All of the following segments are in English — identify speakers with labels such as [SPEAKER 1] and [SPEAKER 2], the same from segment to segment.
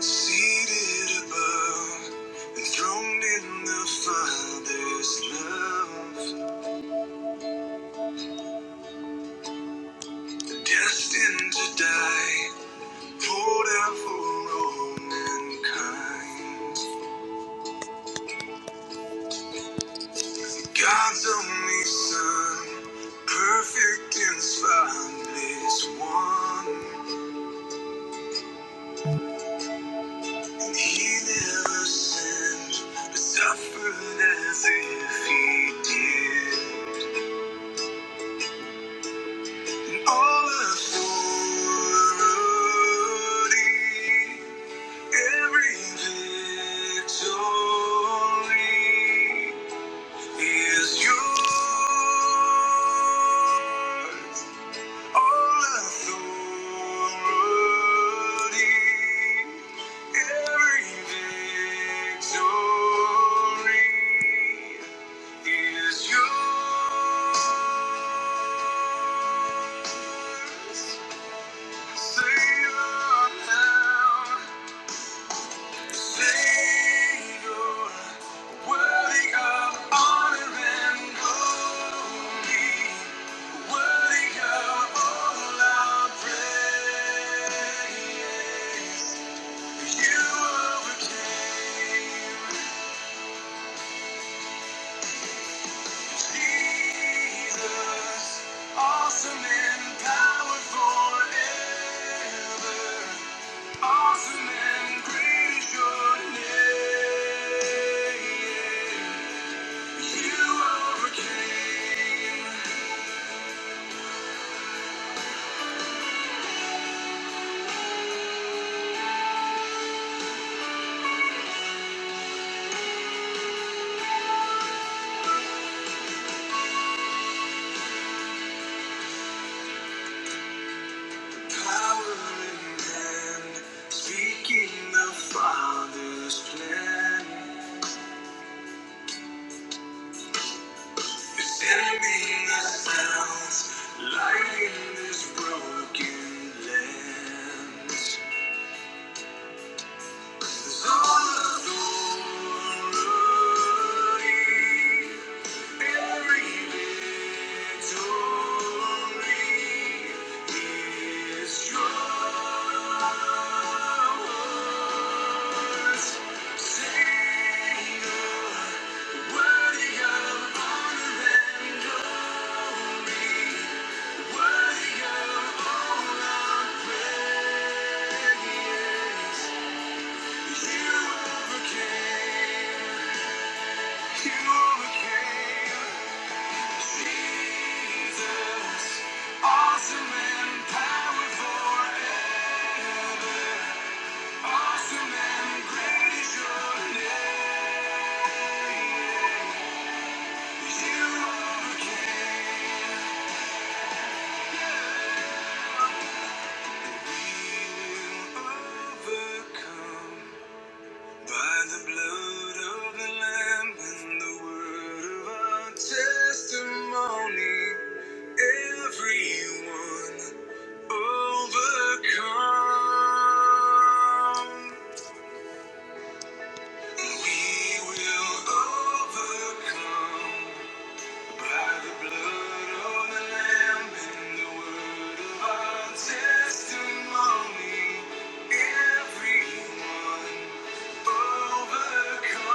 [SPEAKER 1] Seated above, enthroned in the Father's love, destined to die, poured out for all mankind. God's only Son, perfect and spotless one, and He never sinned, but suffered as if He did. All authority, every victory is yours. All authority, every victory is yours. Awesome and powerful forever. Awesome and great is your name. You overcame power and man, speaking the Father's plan. This enemy sounds light this broken land. all of every Victory is yours. Sing worthy of honor and glory, worthy of all our praise. You overcame, you overcame. Overcome. By the blood of the Lamb and the word of our testimony, everyone overcome. We will overcome by the blood of the Lamb and the word of our testimony, everyone overcome.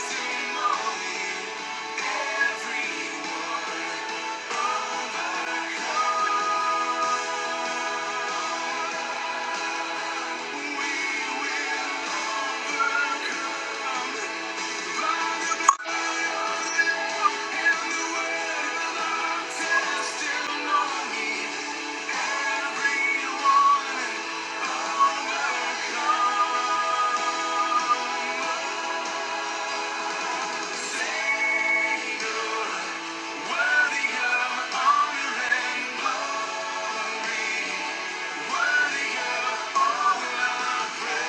[SPEAKER 1] Testimony and the word of testimony, everyone overcome. Say no. Worthy of honor and glory, worthy of all our praise.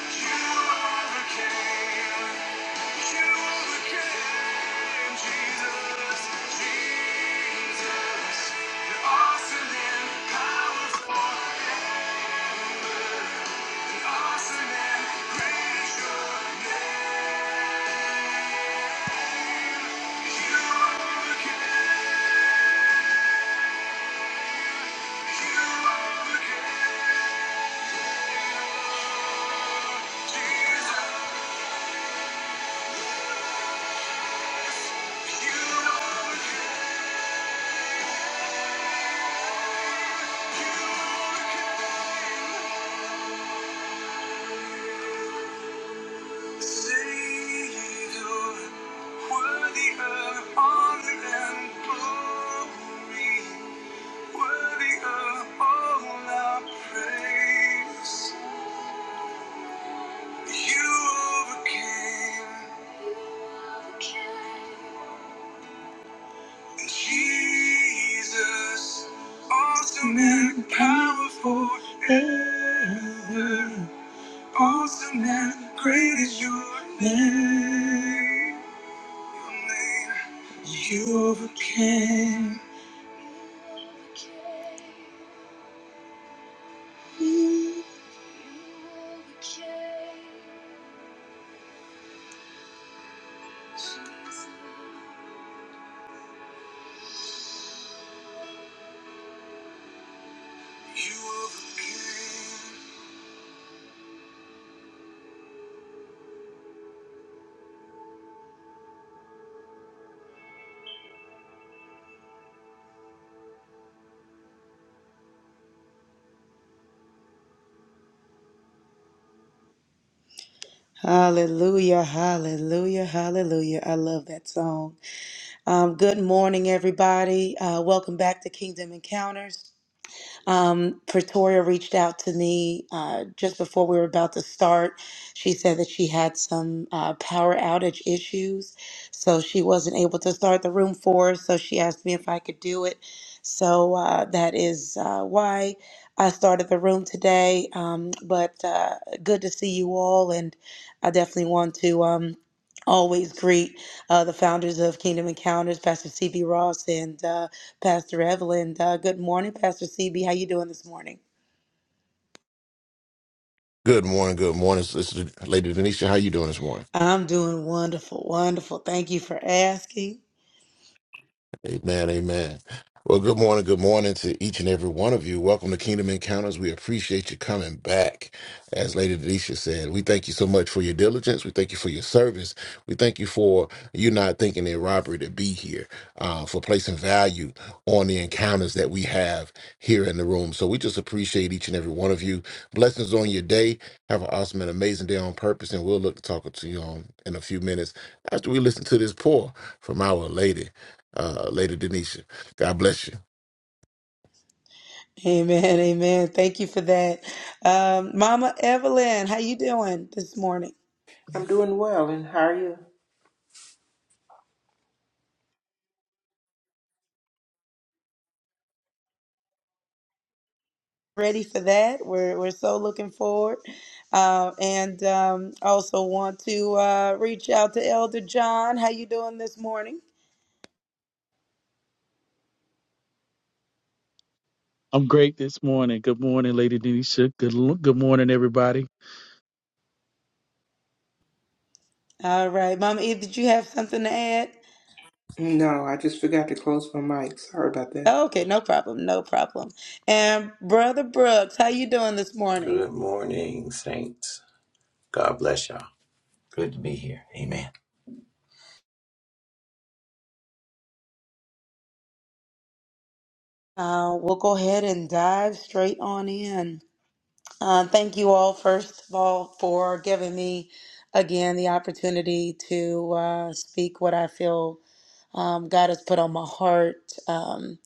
[SPEAKER 1] You overcame, you overcame, Jesus, Jesus. awesome and powerful, awesome and great is your name. You overcame, you overcame, Jesus. Savior, worthy of honor and glory, worthy of all our praise. You overcame, Jesus, awesome and powerful ever. Awesome and great is your name. Your name. You overcame. Hallelujah, hallelujah, hallelujah. I love that song. Um, good morning, everybody. Uh, welcome back to Kingdom Encounters. Um, Pretoria reached out to me uh, just before we were about to start. She said that she had some uh, power outage issues, so she wasn't able to start the room for us. So she asked me if I could do it. So uh, that is uh, why I started the room today. Um, but uh, good to see you all, and I definitely want to. Um, always greet uh, the founders of Kingdom Encounters, Pastor CB Ross and uh, Pastor Evelyn. Uh, good morning, Pastor CB. How you doing this morning?
[SPEAKER 2] Good morning. Good morning, Sister Lady Denisha. How you doing this morning?
[SPEAKER 1] I'm doing wonderful, wonderful. Thank you for asking.
[SPEAKER 2] Amen, amen. Well, good morning, good morning to each and every one of you. Welcome to Kingdom Encounters. We appreciate you coming back. As Lady Denisha said, we thank you so much for your diligence. We thank you for your service. We thank you for you not thinking it robbery to be here, uh, for placing value on the encounters that we have here in the room. So we just appreciate each and every one of you. Blessings on your day. Have an awesome and amazing day on purpose, and we'll look to talk to you on in a few minutes after we listen to this pour from our lady uh, Lady Denisha. God bless you.
[SPEAKER 1] Amen, amen. Thank you for that, um, Mama Evelyn. How you doing this morning?
[SPEAKER 3] I'm doing well, and how are you?
[SPEAKER 1] Ready for that? We're we're so looking forward, uh, and um, also want to uh, reach out to Elder John. How you doing this morning?
[SPEAKER 4] I'm great this morning. Good morning, Lady Denisha. Good l- good morning, everybody.
[SPEAKER 1] All right, Mama. E, did you have something to add?
[SPEAKER 3] No, I just forgot to close my mic. Sorry about that.
[SPEAKER 1] Okay, no problem, no problem. And Brother Brooks, how you doing this morning?
[SPEAKER 5] Good morning, saints. God bless y'all. Good to be here. Amen.
[SPEAKER 1] Uh, we'll go ahead and dive straight on in. Uh, thank you all, first of all, for giving me again the opportunity to uh, speak what I feel um, God has put on my heart. Um,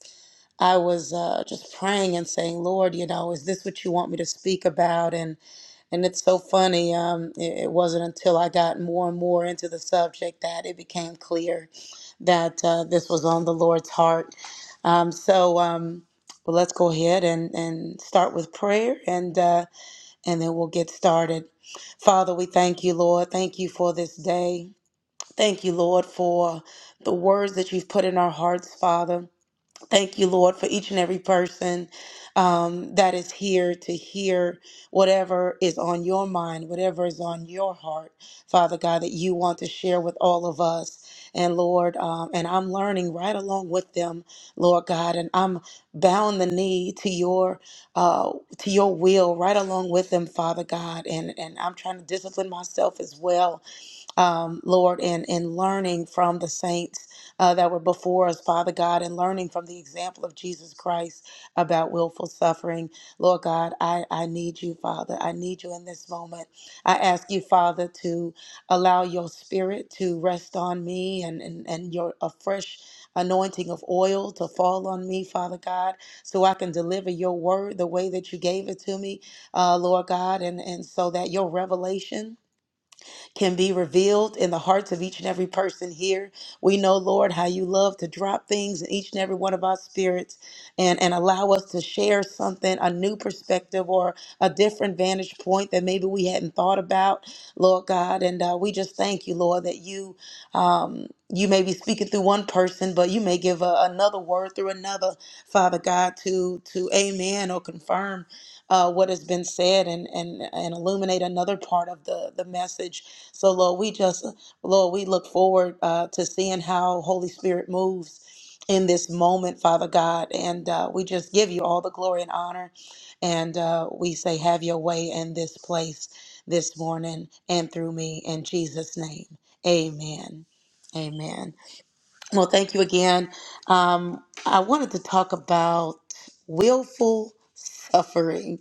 [SPEAKER 1] I was uh, just praying and saying, Lord, you know, is this what you want me to speak about? And and it's so funny. Um, it, it wasn't until I got more and more into the subject that it became clear that uh, this was on the Lord's heart. Um, so um, well, let's go ahead and, and start with prayer, and uh, and then we'll get started. Father, we thank you, Lord. Thank you for this day. Thank you, Lord, for the words that you've put in our hearts, Father. Thank you, Lord, for each and every person um, that is here to hear whatever is on your mind, whatever is on your heart, Father God, that you want to share with all of us. And Lord, um, and I'm learning right along with them, Lord God, and I'm bowing the knee to your uh, to your will right along with them, Father God, and and I'm trying to discipline myself as well um, Lord, and, and learning from the saints uh, that were before us, Father God, and learning from the example of Jesus Christ about willful suffering. Lord God, I, I need you, Father. I need you in this moment. I ask you, Father, to allow your spirit to rest on me and, and, and your a fresh anointing of oil to fall on me, Father God, so I can deliver your word the way that you gave it to me, uh, Lord God, and, and so that your revelation can be revealed in the hearts of each and every person here. We know, Lord, how you love to drop things in each and every one of our spirits and, and allow us to share something, a new perspective or a different vantage point that maybe we hadn't thought about, Lord God. And uh, we just thank you, Lord, that you. Um, you may be speaking through one person, but you may give a, another word through another, Father God, to to amen or confirm uh, what has been said and and and illuminate another part of the the message so, Lord, we just, Lord, we look forward uh, to seeing how Holy Spirit moves in this moment, Father God. And uh, we just give you all the glory and honor. And uh, we say, have your way in this place this morning and through me in Jesus' name. Amen. Amen. Well, thank you again. Um, I wanted to talk about willful suffering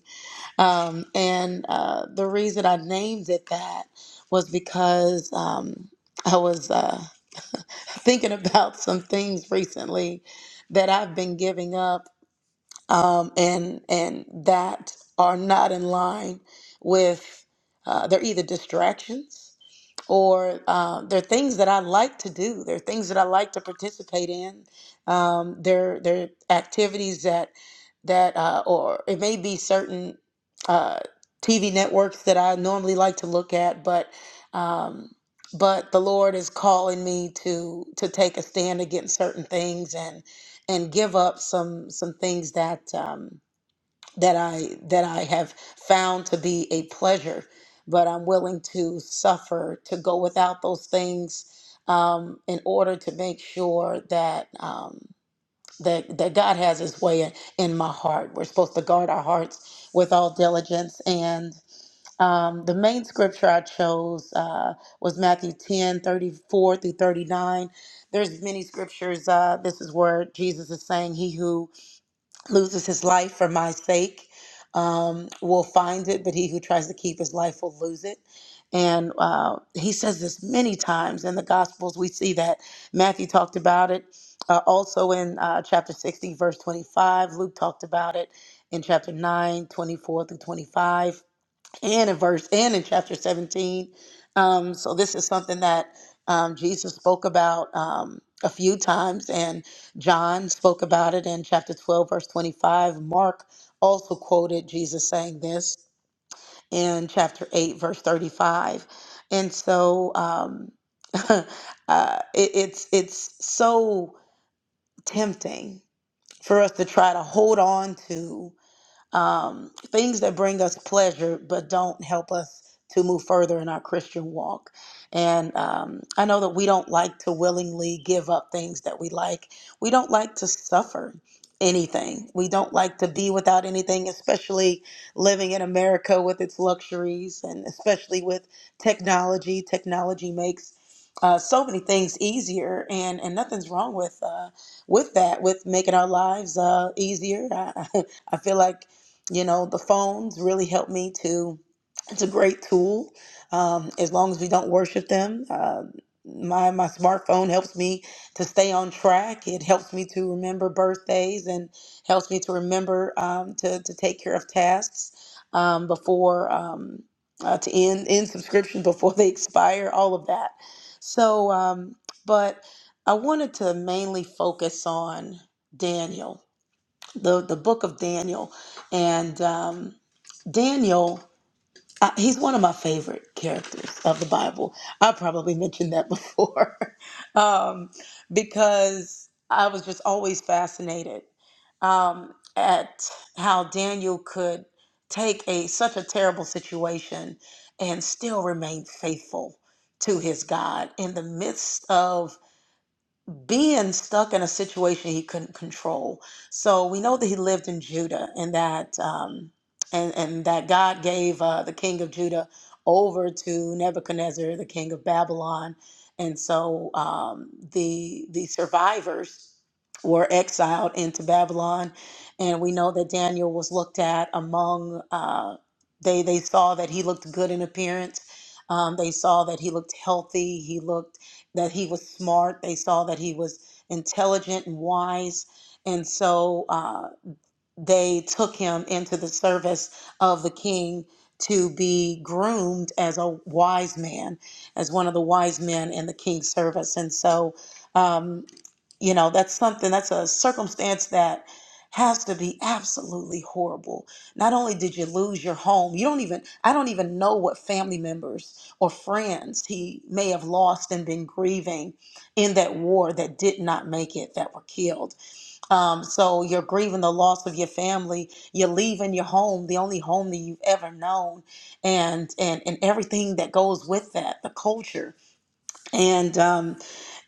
[SPEAKER 1] um, and uh, the reason I named it that was because um, I was uh, thinking about some things recently that I've been giving up um, and and that are not in line with uh, they're either distractions or uh, they're things that I like to do. They're things that I like to participate in. Um, they're they're activities that that uh, or it may be certain uh, TV networks that I normally like to look at, but. Um, but the Lord is calling me to to take a stand against certain things, and and give up some some things that um, that I that I have found to be a pleasure, but I'm willing to suffer to go without those things um, in order to make sure that. Um, that that God has His way in, in my heart. We're supposed to guard our hearts with all diligence. And um, the main scripture I chose uh, was Matthew 10 34 through 39. There's many scriptures. Uh, this is where Jesus is saying, He who loses his life for my sake um, will find it, but he who tries to keep his life will lose it. And uh, he says this many times in the Gospels. We see that Matthew talked about it uh, also in uh, chapter 16, verse 25. Luke talked about it in chapter 9, 24 through 25 and in verse and in chapter 17. Um, so this is something that um, Jesus spoke about um, a few times, and John spoke about it in chapter 12, verse 25. Mark also quoted Jesus saying this in chapter 8, verse 35. And so um, uh, it, it's it's so tempting for us to try to hold on to um, things that bring us pleasure but don't help us to move further in our Christian walk. And um, I know that we don't like to willingly give up things that we like. We don't like to suffer anything. We don't like to be without anything, especially living in America with its luxuries and especially with technology. Technology makes uh, so many things easier, and, and nothing's wrong with uh, with that, with making our lives uh, easier. I, I feel like you know the phones really help me to it's a great tool um, as long as we don't worship them uh, my my smartphone helps me to stay on track it helps me to remember birthdays and helps me to remember um, to, to take care of tasks um, before um, uh, to end end subscription before they expire all of that so um, but i wanted to mainly focus on daniel the the book of Daniel, and um, Daniel. Uh, he's one of my favorite characters of the Bible. I probably mentioned that before, um, because I was just always fascinated um, at how Daniel could take a such a terrible situation and still remain faithful to his God in the midst of being stuck in a situation he couldn't control. So we know that he lived in Judah, and that um, and and that God gave uh, the king of Judah over to Nebuchadnezzar, the king of Babylon, and so um, the the survivors were exiled into Babylon, and we know that Daniel was looked at among. Uh, they they saw that he looked good in appearance. Um, they saw that he looked healthy. He looked that he was smart. They saw that he was intelligent and wise. And so uh, they took him into the service of the king to be groomed as a wise man, as one of the wise men in the king's service. And so, um, you know, that's something, that's a circumstance that has to be absolutely horrible. Not only did you lose your home, you don't even, I don't even know what family members or friends he may have lost and been grieving in that war that did not make it, that were killed um, so you're grieving the loss of your family. You're leaving your home, the only home that you've ever known, and and and everything that goes with that, the culture. And um,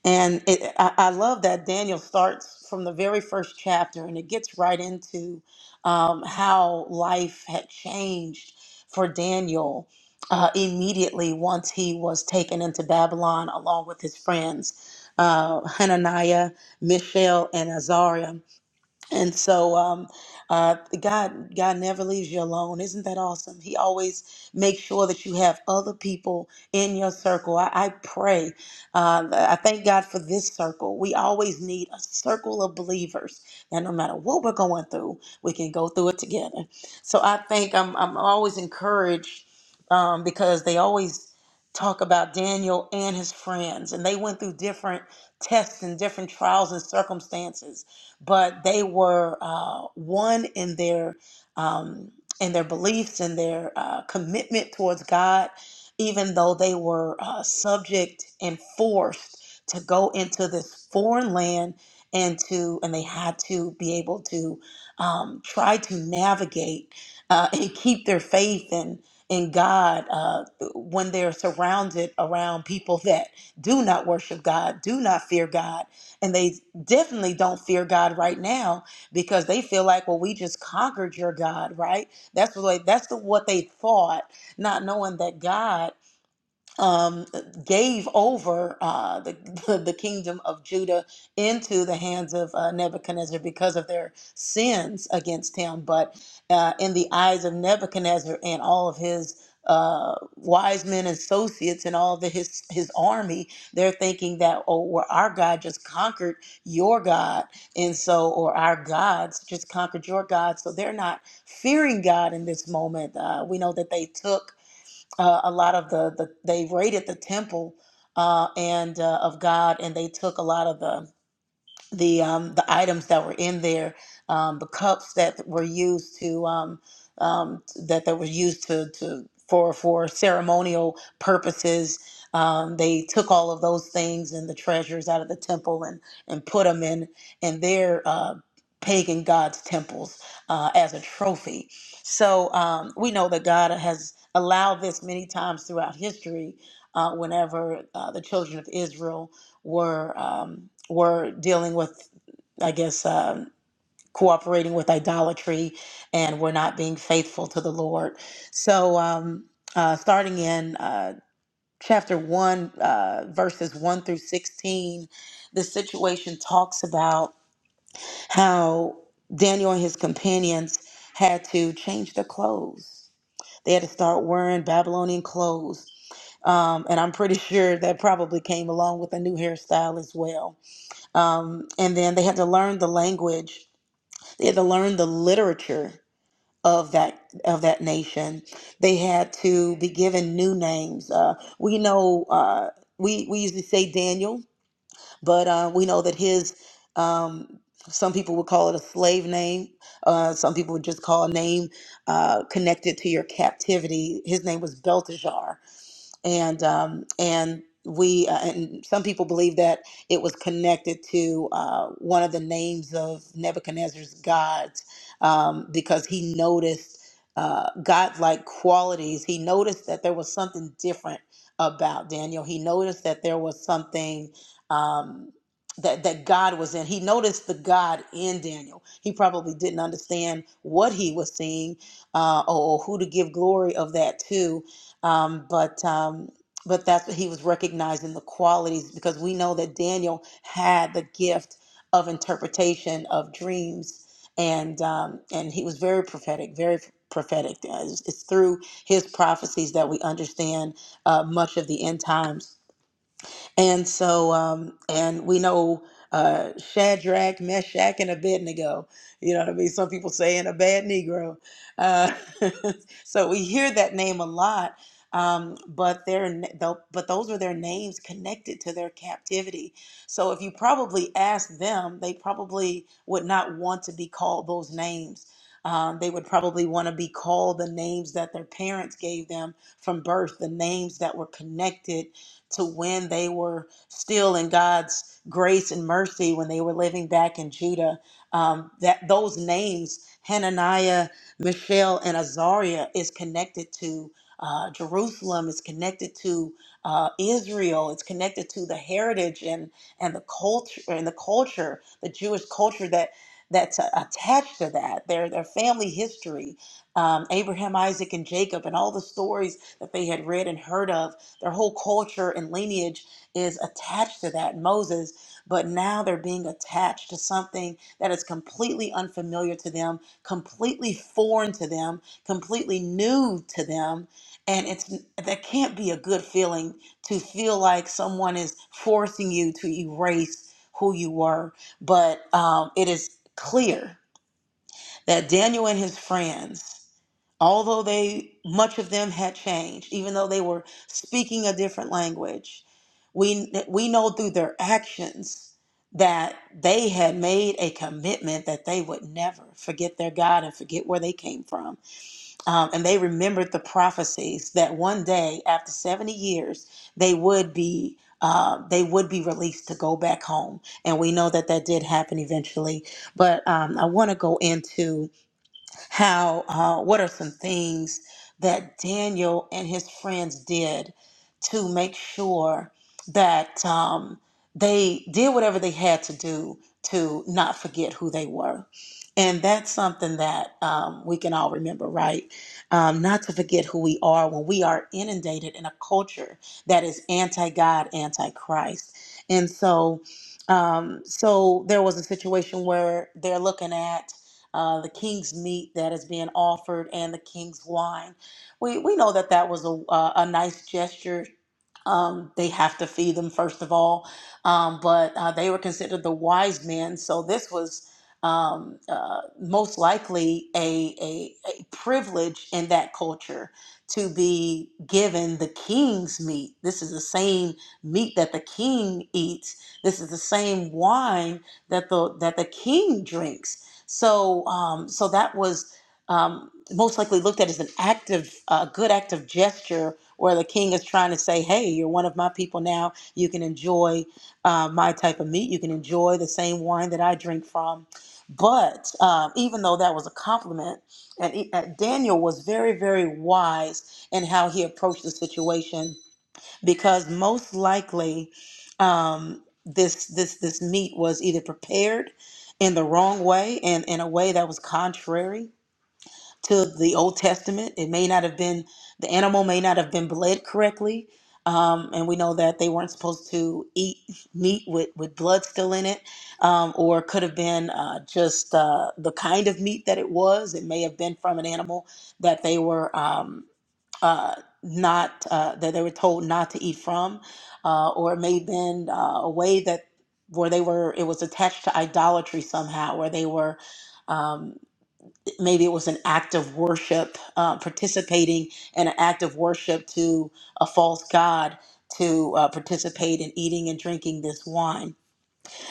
[SPEAKER 1] and it, I, I love that Daniel starts from the very first chapter, and it gets right into um, how life had changed for Daniel. Uh, immediately once he was taken into Babylon along with his friends, uh, Hananiah, Mishael, and Azariah and so, um, uh, God, God never leaves you alone. Isn't that awesome? He always makes sure that you have other people in your circle. I, I pray. Uh, I thank God for this circle. We always need a circle of believers that no matter what we're going through, we can go through it together. So I think I'm, I'm always encouraged um, because they always talk about Daniel and his friends, and they went through different tests and different trials and circumstances but they were uh, one in their um, in their beliefs and their uh, commitment towards God, even though they were uh, subject and forced to go into this foreign land and to and they had to be able to um, try to navigate uh, and keep their faith in in God uh, when they're surrounded around people that do not worship God, do not fear God, and they definitely don't fear God right now because they feel like, well, we just conquered your God, right? That's what that's the, what they thought, not knowing that God um, gave over uh, the, the kingdom of Judah into the hands of uh, Nebuchadnezzar because of their sins against him. But uh, in the eyes of Nebuchadnezzar and all of his uh, wise men associates and all the his his army, they're thinking that oh, well, our God just conquered your God, and so or our gods just conquered your God, so they're not fearing God in this moment. Uh, we know that they took uh, a lot of the, the they raided the temple uh, and uh, of God, and they took a lot of the the um, the items that were in there, um, the cups that were used to um, um, that that were used to, to for for ceremonial purposes. Um, they took all of those things and the treasures out of the temple and and put them in in their uh, pagan gods' temples uh, as a trophy. So um, we know that God has allowed this many times throughout history. Uh, whenever uh, the children of Israel were um, were dealing with, I guess, um, cooperating with idolatry, and were not being faithful to the Lord. So, um, uh, starting in uh, chapter one, uh, verses one through sixteen, the situation talks about how Daniel and his companions had to change their clothes. They had to start wearing Babylonian clothes. Um, and I'm pretty sure that probably came along with a new hairstyle as well um, and then they had to learn the language. They had to learn the literature of that of that nation. They had to be given new names. Uh, we know uh, we we usually say Daniel, but uh, we know that his um, some people would call it a slave name. Uh, some people would just call a name uh, connected to your captivity. His name was Belteshazzar and um, and we uh, and some people believe that it was connected to uh, one of the names of Nebuchadnezzar's gods um, because he noticed uh, godlike qualities. He noticed that there was something different about Daniel. He noticed that there was something. Um, that, that God was in. He noticed the God in Daniel. He probably didn't understand what he was seeing uh, or, or who to give glory of that to, um, but um, but that's what he was recognizing the qualities because we know that Daniel had the gift of interpretation of dreams, and um, and he was very prophetic, very prophetic. Uh, It's, it's through his prophecies that we understand uh, much of the end times. And so, um, and we know uh, Shadrach, Meshach, and Abednego. You know what I mean? Some people say, and a bad Negro. Uh, so we hear that name a lot. Um, but their though, but those are their names connected to their captivity. So if you probably asked them, they probably would not want to be called those names. Um, they would probably want to be called the names that their parents gave them from birth, the names that were connected to when they were still in God's grace and mercy when they were living back in Judah. Um, that those names, Hananiah, Mishael, and Azariah, is connected to uh, Jerusalem. It's connected to uh, Israel. It's connected to the heritage and and the culture and the culture, the Jewish culture that that's uh, attached to that. Their their family history, um, Abraham, Isaac, and Jacob, and all the stories that they had read and heard of their whole culture and lineage is attached to that Moses, but now they're being attached to something that is completely unfamiliar to them, completely foreign to them, completely new to them, and it's that can't be a good feeling to feel like someone is forcing you to erase who you were. But um, it is clear that Daniel and his friends although they much of them had changed even though they were speaking a different language we we know through their actions that they had made a commitment that they would never forget their God and forget where they came from. Um, and they remembered the prophecies that one day, after 70 years, they would be uh, they would be released to go back home. And we know that that did happen eventually. But um, I want to go into how uh, what are some things that Daniel and his friends did to make sure that um, they did whatever they had to do to not forget who they were. And that's something that um, we can all remember, right? Um, not to forget who we are when we are inundated in a culture that is anti God, anti Christ. And so, um, so there was a situation where they're looking at uh, the king's meat that is being offered, and the king's wine. We we know that that was a uh, a nice gesture um, they have to feed them first of all um, but uh, they were considered the wise men so this was um, uh, most likely a, a, a privilege in that culture to be given the king's meat this is the same meat that the king eats this is the same wine that the that the king drinks so um, so that was um, most likely looked at as an act of a good act of gesture where the king is trying to say, hey, you're one of my people now. You can enjoy uh, my type of meat. You can enjoy the same wine that I drink from. But um, even though that was a compliment, and, he- and Daniel was very, very wise in how he approached the situation because most likely um, this this this meat was either prepared in the wrong way and in a way that was contrary to the Old Testament. It may not have been, the animal may not have been bled correctly. Um, and we know that they weren't supposed to eat meat with, with blood still in it, um, or could have been uh, just uh, the kind of meat that it was. It may have been from an animal that they were um, uh, not, uh, that they were told not to eat from, uh, or it may have been uh, a way that where they were, it was attached to idolatry somehow, where they were. um, maybe it was an act of worship, uh, participating in an act of worship to a false god to uh, participate in eating and drinking this wine.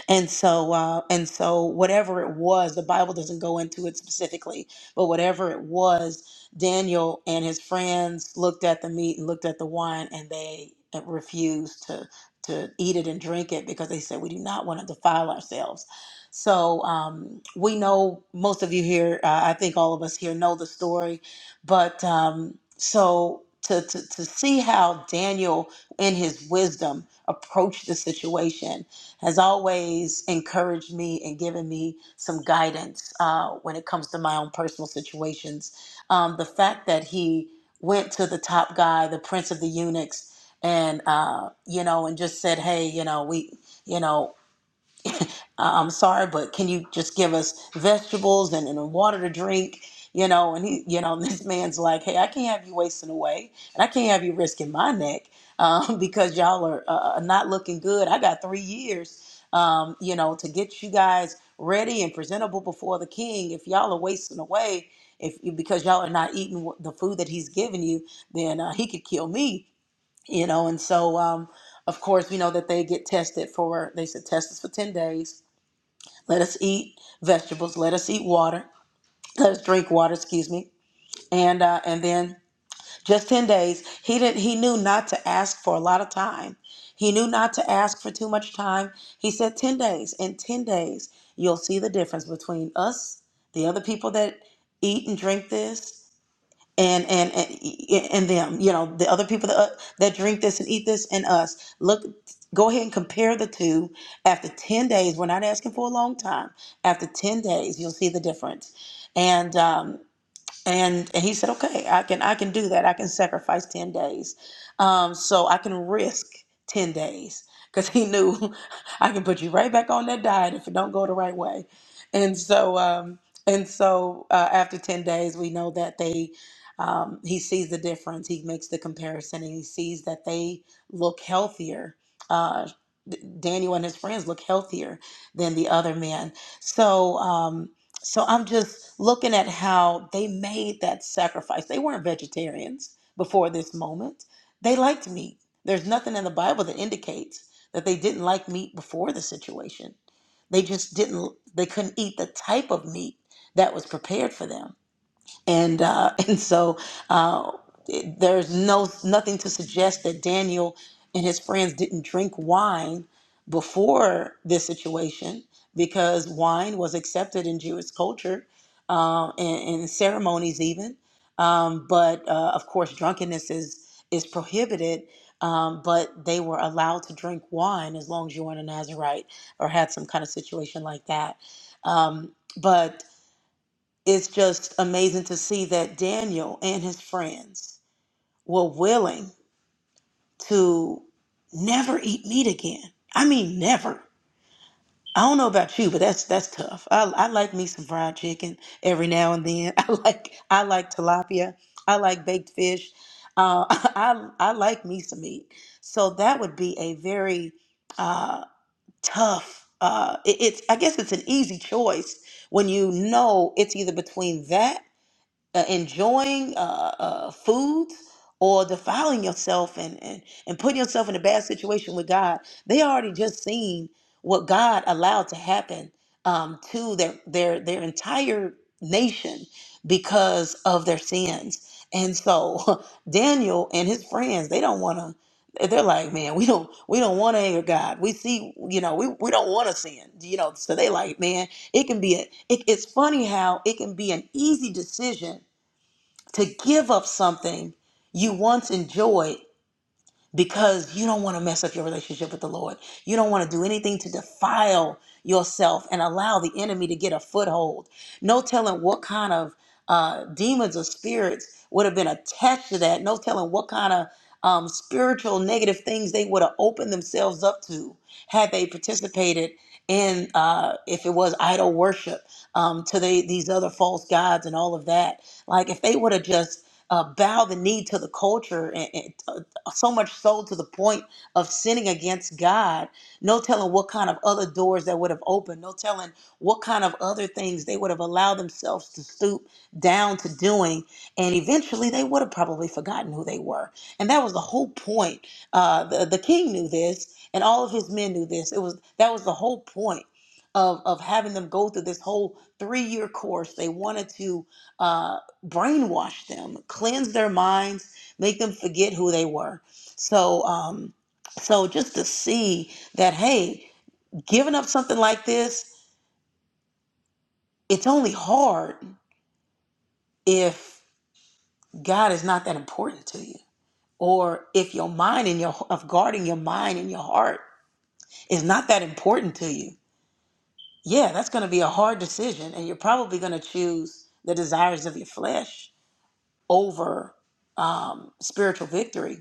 [SPEAKER 1] And so, uh, and so, whatever it was, the Bible doesn't go into it specifically, but whatever it was, Daniel and his friends looked at the meat and looked at the wine, and they uh, refused to to eat it and drink it because they said we do not want to defile ourselves. So um, we know most of you here, uh, I think all of us here know the story, but um, so. To, to, to see how Daniel, in his wisdom, approached the situation has always encouraged me and given me some guidance uh, when it comes to my own personal situations. Um, the fact that he went to the top guy, the prince of the eunuchs, and uh, you know, and just said, "Hey, you know, we, you know." I- I'm sorry, but can you just give us vegetables and, and water to drink? You know, and he, you know, this man's like, hey, I can't have you wasting away, and I can't have you risking my neck um, because y'all are uh, uh, not looking good. I got three years, um, you know, to get you guys ready and presentable before the king. If y'all are wasting away, if because y'all are not eating wh- the food that he's given you, then uh, he could kill me, you know. And so, um, of course, we know that they get tested for. They said test us for ten days let us eat vegetables. Let us eat water. Let us drink water. Excuse me. And uh, and then just ten days. He didn't. He knew not to ask for a lot of time. He knew not to ask for too much time. He said ten days. In ten days, you'll see the difference between us, the other people that eat and drink this, and and and, and them you know the other people that, uh, that drink this and eat this and us look go ahead and compare the two after 10 days we're not asking for a long time after 10 days you'll see the difference and um, and and he said okay i can i can do that i can sacrifice 10 days um so i can risk 10 days because he knew i can put you right back on that diet if it don't go the right way and so um and so uh, after 10 days we know that they um, he sees the difference he makes the comparison and he sees that they look healthier uh D- Daniel and his friends look healthier than the other men. So, um, so I'm just looking at how they made that sacrifice. They weren't vegetarians before this moment. They liked meat. There's nothing in the Bible that indicates that they didn't like meat before the situation. They just didn't, they couldn't eat the type of meat that was prepared for them and uh, and so uh, it- there's no nothing to suggest that Daniel and his friends didn't drink wine before this situation because wine was accepted in Jewish culture um, and, and ceremonies even. Um, but uh, of course, drunkenness is is prohibited. Um, but they were allowed to drink wine as long as you weren't a Nazarite or had some kind of situation like that. Um, but it's just amazing to see that Daniel and his friends were willing to never eat meat again. I mean, never. I don't know about you, but that's that's tough. I, I like me some fried chicken every now and then. I like I like tilapia. I like baked fish. Uh, I I like me some meat. So that would be a very uh, tough. Uh, it- it's I guess it's an easy choice when you know it's either between that uh, enjoying uh, uh, foods or defiling yourself and, and, and putting yourself in a bad situation with God, they already just seen what God allowed to happen um, to their, their, their entire nation because of their sins. And so Daniel and his friends, they don't want to, they're like, man, we don't, we don't want to anger God. We see, you know, we, we don't want to sin, you know, so they like, man, it can be a, it, it's funny how it can be an easy decision to give up something you once enjoyed because you don't want to mess up your relationship with the Lord. You don't want to do anything to defile yourself and allow the enemy to get a foothold. No telling what kind of uh, demons or spirits would have been attached to that. No telling what kind of um, spiritual negative things they would have opened themselves up to had they participated in, uh, if it was idol worship, um, to the, these other false gods and all of that. Like if they would have just uh, bow the knee to the culture and, and so much so to the point of sinning against God. No telling what kind of other doors that would have opened. No telling what kind of other things they would have allowed themselves to stoop down to doing. And eventually they would have probably forgotten who they were. And that was the whole point. Uh, the, the king knew this and all of his men knew this. It was that was the whole point. Of, of having them go through this whole three year course. They wanted to uh, brainwash them, cleanse their minds, make them forget who they were. So, um, so just to see that, hey, giving up something like this, it's only hard if God is not that important to you, or if your mind and your of guarding your mind and your heart is not that important to you. Yeah, that's going to be a hard decision, and you're probably going to choose the desires of your flesh over um, spiritual victory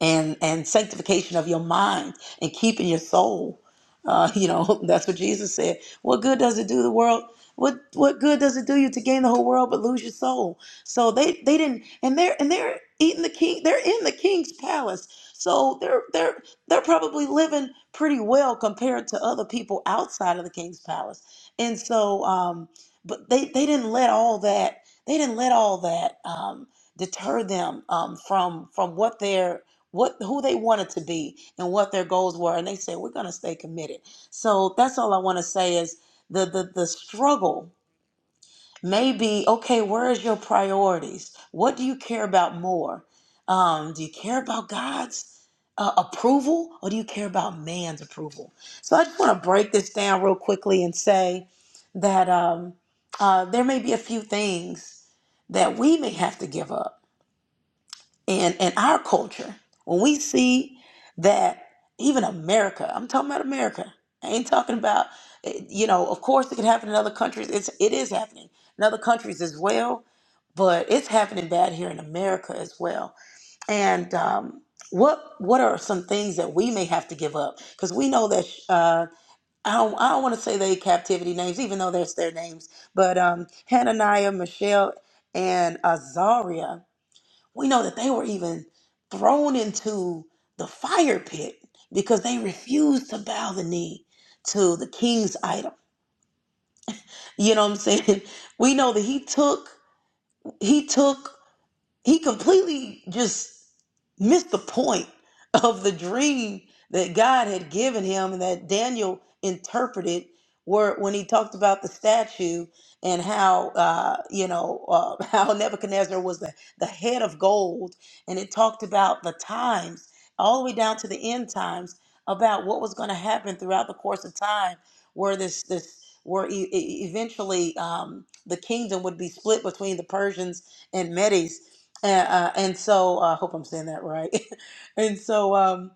[SPEAKER 1] and and sanctification of your mind and keeping your soul. Uh, you know, that's what Jesus said. What good does it do the world? What what good does it do you to gain the whole world but lose your soul? So they they didn't, and they're and they're eating the king. They're in the king's palace, so they're they're they're probably living pretty well compared to other people outside of the king's palace. And so, um, but they they didn't let all that they didn't let all that um, deter them um, from from what they're what who they wanted to be and what their goals were and they said we're going to stay committed so that's all i want to say is the the the struggle may be okay where is your priorities what do you care about more um, do you care about god's uh, approval or do you care about man's approval so i just want to break this down real quickly and say that um, uh, there may be a few things that we may have to give up in in our culture when we see that even america i'm talking about america i ain't talking about eh, you know of course it can happen in other countries it's it is happening in other countries as well but it's happening bad here in america as well and um what what are some things that we may have to give up because we know that uh i don't i don't want to say they captivity names even though that's their names but um hananiah michelle and azariah we know that they were even thrown into the fire pit because they refused to bow the knee to the king's idol. You know what I'm saying? We know that he took he took he completely just missed the point of the dream that God had given him and that Daniel interpreted where when he talked about the statue and how uh, you know uh, how Nebuchadnezzar was the, the head of gold and it talked about the times all the way down to the end times about what was going to happen throughout the course of time where this this where e- e- eventually um, the kingdom would be split between the Persians and Medes and uh, and so uh, I hope I'm saying that right. and so um,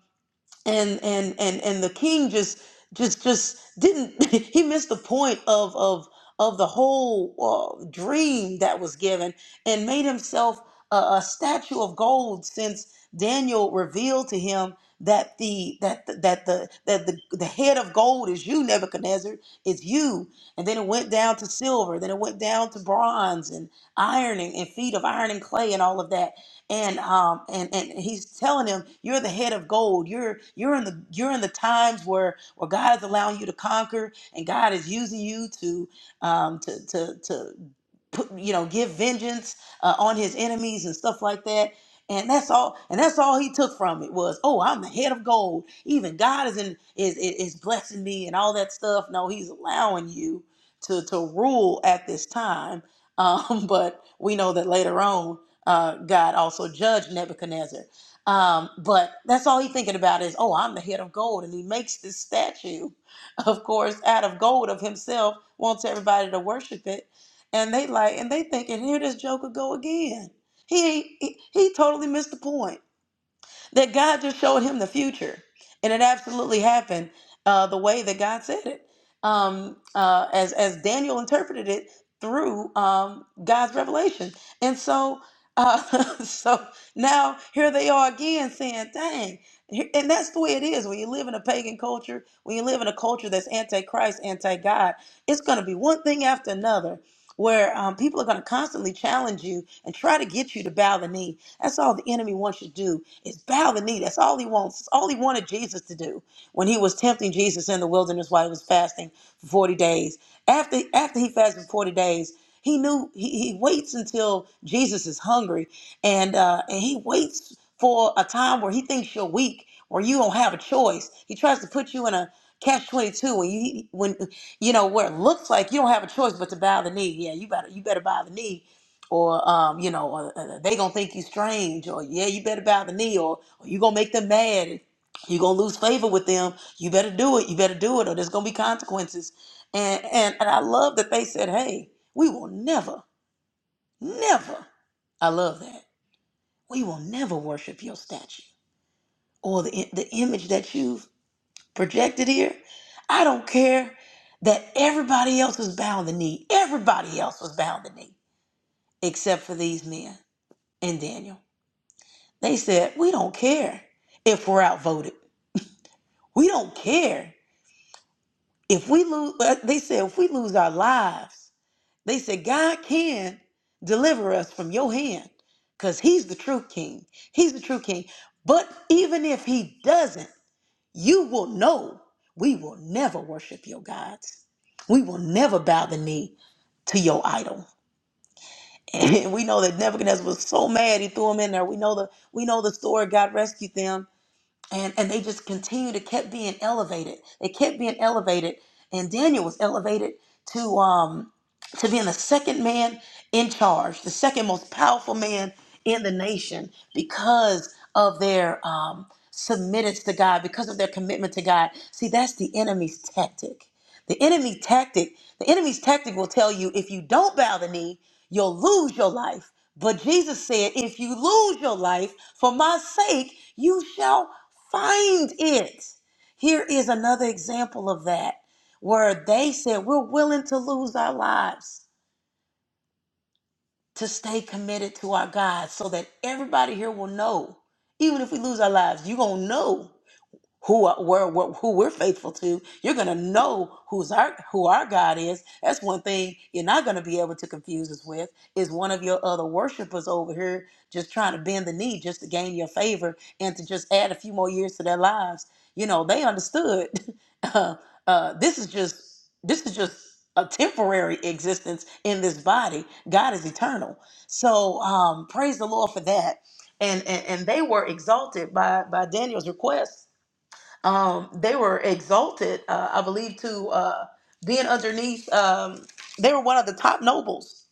[SPEAKER 1] and and and and the king just just just didn't he missed the point of of of the whole uh, dream that was given and made himself a, a statue of gold since Daniel revealed to him that the that the, that the that the, the head of gold is you Nebuchadnezzar is you and then it went down to silver then it went down to bronze and ironing and feet of iron and clay and all of that and um and and he's telling him you're the head of gold you're you're in the you're in the times where where god is allowing you to conquer and god is using you to um to to to put you know give vengeance uh, on his enemies and stuff like that and that's all and that's all he took from it was oh i'm the head of gold even god is in is is is blessing me and all that stuff no he's allowing you to to rule at this time um but we know that later on uh, God also judged Nebuchadnezzar. Um, but that's all he's thinking about is, oh, I'm the head of gold. And he makes this statue, of course, out of gold of himself, wants everybody to worship it. And they like, and they thinking, here this Joker go again. He, he, he totally missed the point that God just showed him the future. And it absolutely happened uh, the way that God said it, um, uh, as, as Daniel interpreted it through um, God's revelation. And so, uh, so now here they are again saying, dang. Here- And that's the way it is when you live in a pagan culture, when you live in a culture that's anti Christ, anti God, it's going to be one thing after another where um, people are going to constantly challenge you and try to get you to bow the knee that's all the enemy wants you to do is bow the knee. That's all he wants. That's all he wanted Jesus to do when he was tempting Jesus in the wilderness while he was fasting for 40 days. After after he fasted for 40 days, he knew he, he waits until Jesus is hungry and uh, and he waits for a time where he thinks you're weak or you don't have a choice. He tries to put you in a catch 22 when you when you know where it looks like you don't have a choice but to bow the knee. Yeah, you better you better bow the knee or um, you know, or, uh, they gonna think you strange, or yeah, you better bow the knee, or, or you gonna make them mad, you gonna lose favor with them. You better do it. You better do it, or there's gonna be consequences. And and and I love that they said, hey, we will never, never. I love that we will never worship your statue or the the image that you've projected here. I don't care that everybody else was bowing the knee. Everybody else was bowing the knee except for these men and Daniel. They said, "We don't care if we're outvoted. We don't care if we lose." They said, "If we lose our lives, they said God can deliver us from your hand, because He's the true King. He's the true King. But even if He doesn't, you will know we will never worship your gods. We will never bow the knee to your idol." And we know that Nebuchadnezzar was so mad he threw him in there. We know the we know the story. God rescued them and and they just continued to kept being elevated. They kept being elevated, and Daniel was elevated to. Um, to being the second man in charge, the second most powerful man in the nation because of their um, submittance to God, because of their commitment to God. See, that's the enemy's tactic. The enemy tactic, the enemy's tactic will tell you if you don't bow the knee, you'll lose your life. But Jesus said, if you lose your life for my sake, you shall find it. Here is another example of that where they said we're willing to lose our lives to stay committed to our God so that everybody here will know. Even if we lose our lives, you're going to know who are- we're, were- who we're faithful to. You're going to know who's our who our God is. That's one thing you're not going to be able to confuse us with is one of your other worshipers over here just trying to bend the knee just to gain your favor and to just add a few more years to their lives. You know, they understood. Uh, uh, this is just this is just a temporary existence in this body. God is eternal. So um, praise the Lord for that. And, and and they were exalted by by Daniel's request um, they were exalted, uh, I believe, to uh, being underneath. Um, they were one of the top nobles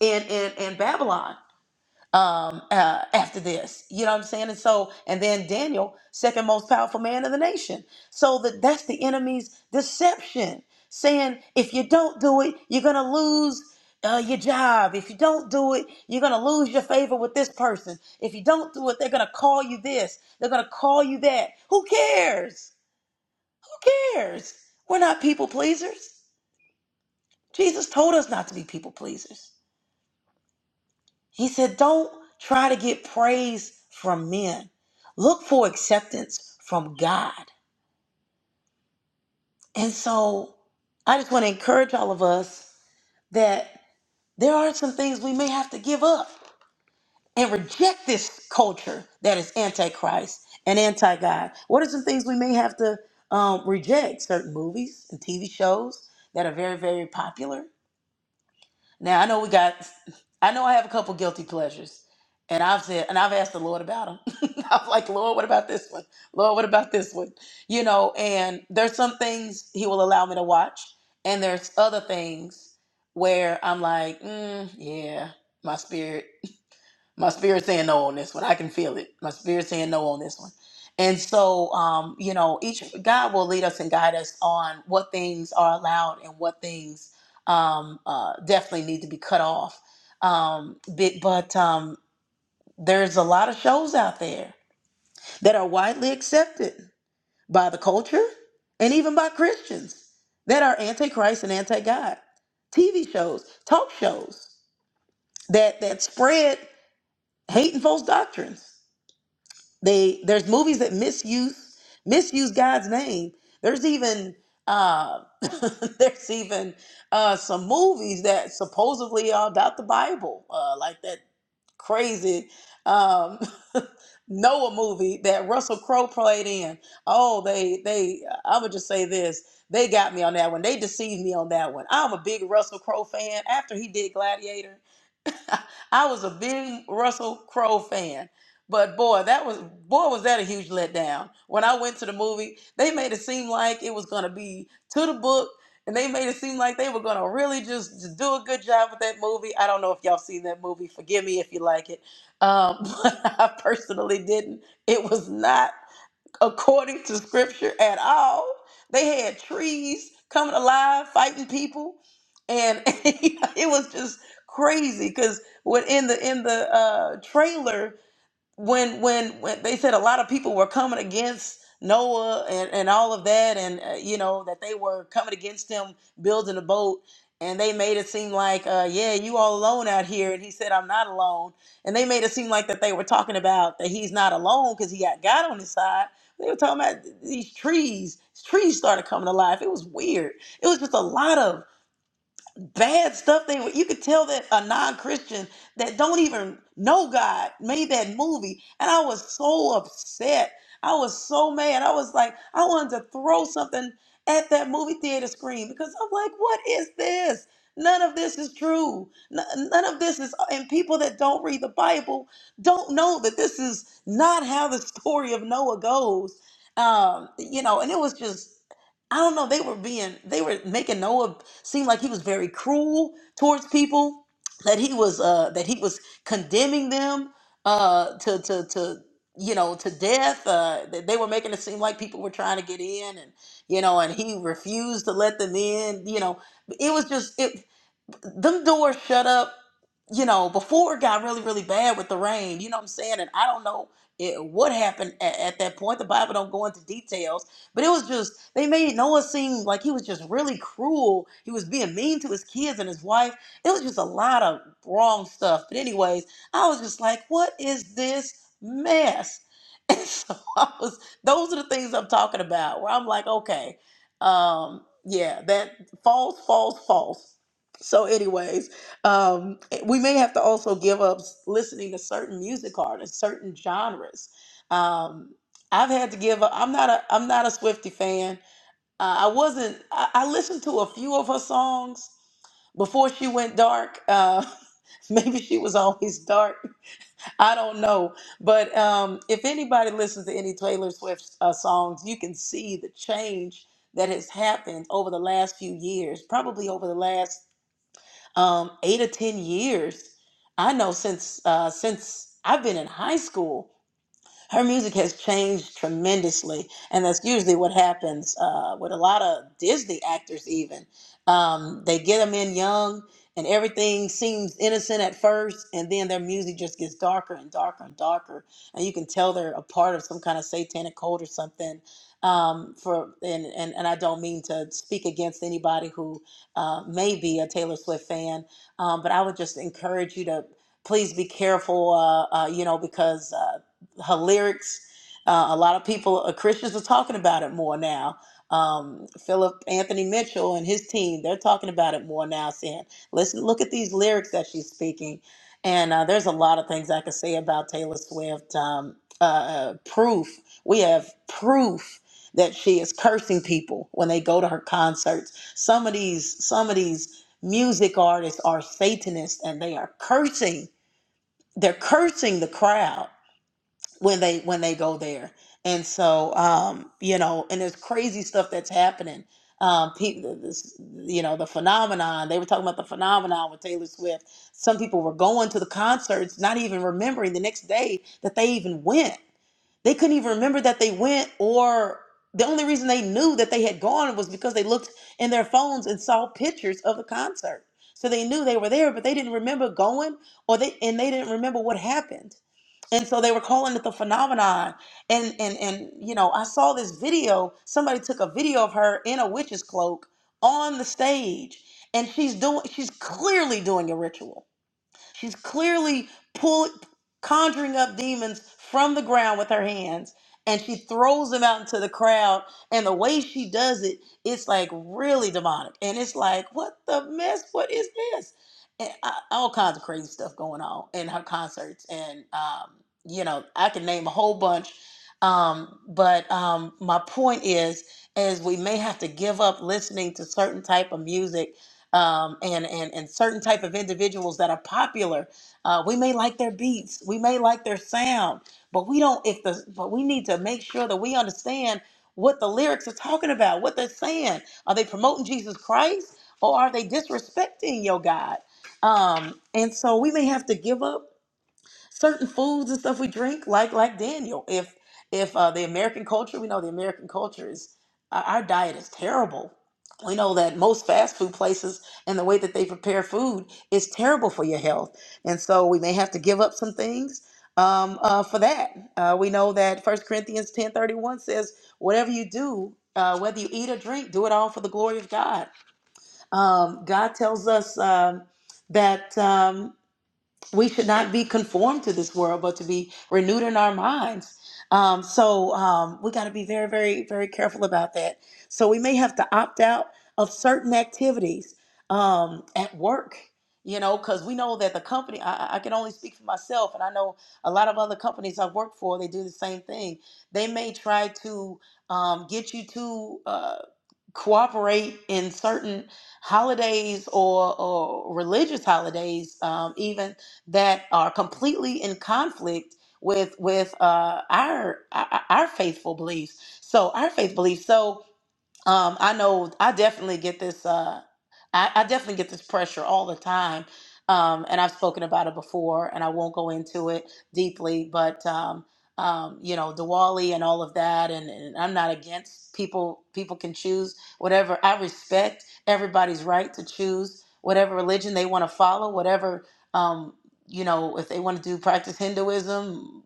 [SPEAKER 1] in in, in Babylon um, uh, after this. You know what I'm saying? And so, and then Daniel, second most powerful man of the nation. So that that's the enemy's deception, saying if you don't do it, you're gonna lose. Uh, your job. If you don't do it, you're gonna lose your favor with this person. If you don't do it, they're gonna call you this. They're gonna call you that. Who cares? cares? We're not people pleasers. Jesus told us not to be people pleasers. He said, don't try to get praise from men, look for acceptance from God. And so I just want to encourage all of us that there are some things we may have to give up and reject this culture that is antichrist and anti God. What are some things we may have to um, reject? Certain movies and TV shows that are very, very popular Now I know we got. I know I have a couple guilty pleasures, and I've said and I've asked the Lord about them. I'm like, Lord, what about this one? Lord, what about this one? You know, and there's some things He will allow me to watch, and there's other things where I'm like, mm, yeah, my spirit. My spirit saying no on this one. I can feel it. My spirit saying no on this one. And so, um, you know, each God will lead us and guide us on what things are allowed and what things um, uh, definitely need to be cut off. Um, but but um, there's a lot of shows out there that are widely accepted by the culture and even by Christians that are anti-Christ and anti-God. TV shows, talk shows that that spread hate and false doctrines they there's movies that misuse misuse God's name. There's even uh, there's even uh, some movies that supposedly are about the Bible, uh, like that crazy um, Noah movie that Russell Crowe played in. Oh, they they I would just say this. They got me on that one. They deceived me on that one. I'm a big Russell Crowe fan. After he did Gladiator, I was a big Russell Crowe fan. But boy, that was boy was that a huge letdown. When I went to the movie, they made it seem like it was gonna be to the book, and they made it seem like they were gonna really just, just do a good job with that movie. I don't know if y'all seen that movie. Forgive me if you like it, um, but I personally didn't. It was not according to scripture at all. They had trees coming alive, fighting people, and it was just crazy. Because when in the in the uh, trailer, when when when they said a lot of people were coming against Noah and, and all of that, and uh, you know that they were coming against him building a boat, and they made it seem like, uh, yeah, you all alone out here, and he said, I'm not alone, and they made it seem like that they were talking about that he's not alone because he got God on his side. They were talking about these trees. These trees started coming to life. It was weird. It was just a lot of bad stuff they were you could tell that a non-christian that don't even know god made that movie and i was so upset i was so mad i was like i wanted to throw something at that movie theater screen because i'm like what is this none of this is true N- none of this is and people that don't read the bible don't know that this is not how the story of noah goes um you know and it was just I don't know. They were being, they were making Noah seem like he was very cruel towards people. That he was, uh, that he was condemning them uh, to, to, to, you know, to death. Uh, that they were making it seem like people were trying to get in, and you know, and he refused to let them in. You know, it was just it them doors shut up, you know, before it got really, really bad with the rain. You know what I'm saying? And I don't know it, what happened at, at that point. The Bible don't go into details, but it was just they made Noah seem like he was just really cruel. He was being mean to his kids and his wife. It was just a lot of wrong stuff. But anyways, I was just like, what is this mess? And so I was. Those are the things I'm talking about. Where I'm like, okay, um, yeah, that false, false, false. So, anyways, um, eh, we may have to also give up listening to certain music artists, certain genres. Um, I've had to give up. I'm not a. I'm not a Swiftie fan. Uh, I wasn't. I, I listened to a few of her songs before she went dark. Uh, maybe she was always dark. I don't know. But um, if anybody listens to any Taylor Swift uh, songs, you can see the change that has happened over the last few years. Probably over the last um, eight or ten years. I know since uh, since I've been in high school, her music has changed tremendously, and that's usually what happens uh, with a lot of Disney actors. Even um, they get them in young, and everything seems innocent at first, and then their music just gets darker and darker and darker, and you can tell they're a part of some kind of satanic cult or something. Um, for and, and and I don't mean to speak against anybody who uh, may be a Taylor Swift fan, um, but I would just encourage you to please be careful, uh, uh, you know, because. uh, her lyrics. Uh, a lot of people, uh, Christians, are talking about it more now. Um, Philip Anthony Mitchell and his team, they're talking about it more now, saying, listen, look at these lyrics that she's speaking. And uh, there's a lot of things I could say about Taylor Swift. Um, uh, uh, proof. We have proof that she is cursing people when they go to her concerts. Some of these, some of these music artists are Satanists and they are cursing. They're cursing the crowd when they when they go there and so um you know and there's crazy stuff that's happening um people this you know the phenomenon they were talking about the phenomenon with taylor swift some people were going to the concerts not even remembering the next day that they even went they couldn't even remember that they went or the only reason they knew that they had gone was because they looked in their phones and saw pictures of the concert so they knew they were there but they didn't remember going or they and they didn't remember what happened and so they were calling it the phenomenon and and and you know i saw this video somebody took a video of her in a witch's cloak on the stage and she's doing she's clearly doing a ritual She's clearly pull, conjuring up demons from the ground with her hands, and she throws them out into the crowd. And the way she does it, it's like really demonic. And it's like, what the mess? What is this? And I, all kinds of crazy stuff going on in her concerts. And, um, you know, I can name a whole bunch. Um, but um, my point is, is we may have to give up listening to certain type of music um, and, and, and certain type of individuals that are popular. Uh, we may like their beats, we may like their sound, but we don't, if the, but we need to make sure that we understand what the lyrics are talking about, what they're saying. Are they promoting Jesus Christ or are they disrespecting your God? Um, and so we may have to give up certain foods and stuff we drink, like like Daniel. If if uh, the American culture, we know the American culture is our our diet is terrible. We know that most fast food places and the way that they prepare food is terrible for your health, and so we may have to give up some things um, uh, for that. Uh, we know that First Corinthians ten thirty one says, "Whatever you do, uh, whether you eat or drink, do it all for the glory of God." Um, God tells us um, that. Um, we should not be conformed to this world, but to be renewed in our minds. Um, so um, we got to be very, very, very careful about that. So we may have to opt out of certain activities um, at work, you know, because we know that the company, I, I I can only speak for myself, and I know a lot of other companies I've worked for, they do the same thing. They may try to um, get you to uh, cooperate in certain holidays or, or religious holidays, um, even that are completely in conflict with with uh, our our our faithful beliefs. So our faith beliefs. So um, I know I definitely get this. Uh, I, I definitely get this pressure all the time, um, and I've spoken about it before, and I won't go into it deeply. But um, um, you know, Diwali and all of that, and, and I'm not against people. People can choose whatever. I respect everybody's right to choose whatever religion they want to follow, whatever um, you know, if they want to do practice Hinduism,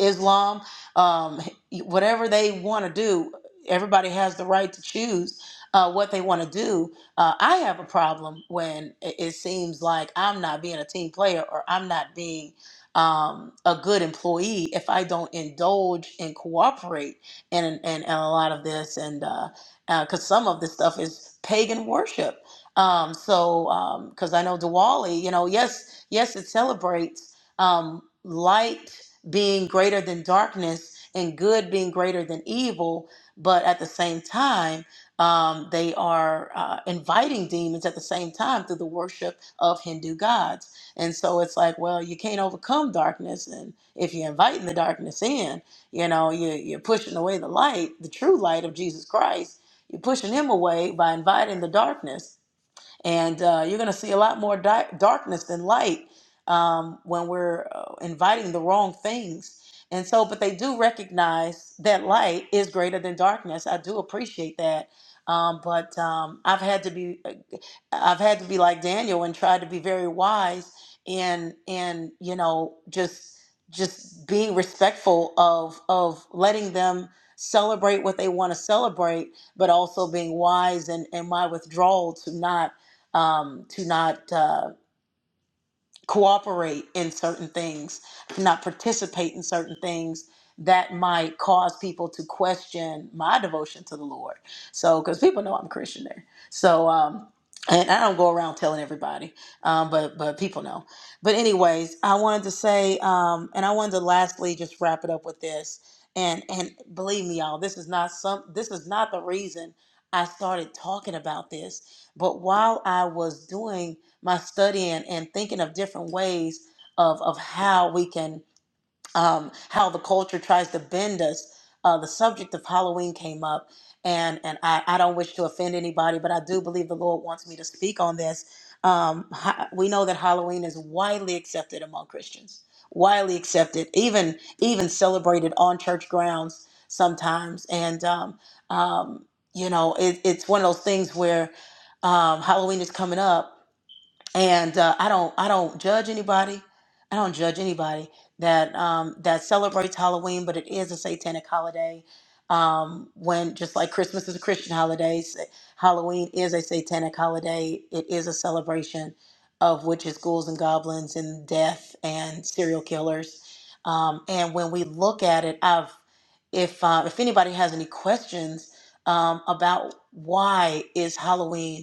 [SPEAKER 1] Islam, um, whatever they want to do everybody has the right to choose uh, what they want to do. Uh, I have a problem when it it seems like I'm not being a team player or I'm not being um, a good employee if I don't indulge and cooperate in, in, in a lot of this. And because uh, uh 'cause some of this stuff is pagan worship. Um, so, because I know Diwali, you know, yes, yes, it celebrates um, light being greater than darkness and good being greater than evil but at the same time, um, they are uh, inviting demons at the same time through the worship of Hindu gods. And so it's like, well, you can't overcome darkness, and if you're inviting the darkness in, you know, you, you're pushing away the light, the true light of Jesus Christ. You're pushing him away by inviting the darkness and uh, you're going to see a lot more di- darkness than light um, when we're uh, inviting the wrong things. And so, but they do recognize that light is greater than darkness. I do appreciate that. Um, but um, I've had to be. uh, I've had to be like Daniel and try to be very wise and and you know just just being respectful of of letting them celebrate what they want to celebrate, but also being wise and and my withdrawal to not um, to not. uh, cooperate in certain things, not participate in certain things that might cause people to question my devotion to the Lord. So, because people know I'm a Christian there. So, um, and I don't go around telling everybody, um, but but people know. But anyways, I wanted to say, um, and I wanted to lastly just wrap it up with this. And and believe me, y'all, this is not some. This is not the reason I started talking about this. But while I was doing my studying and thinking of different ways of, of how we can, um, how the culture tries to bend us. Uh, the subject of Halloween came up, and, and I, I don't wish to offend anybody, but I do believe the Lord wants me to speak on this. Um, ha- we know that Halloween is widely accepted among Christians, widely accepted, even even celebrated on church grounds sometimes. And um, um, you know, it, it's one of those things where um, Halloween is coming up, and uh, I don't I don't judge anybody. I don't judge anybody that um, that celebrates Halloween, but it is a satanic holiday. Um, when just like Christmas is a Christian holiday, s- Halloween is a satanic holiday. It is a celebration of witches, ghouls, and goblins, and death and serial killers. Um, and when we look at it, I've if uh, if anybody has any questions um, about why is Halloween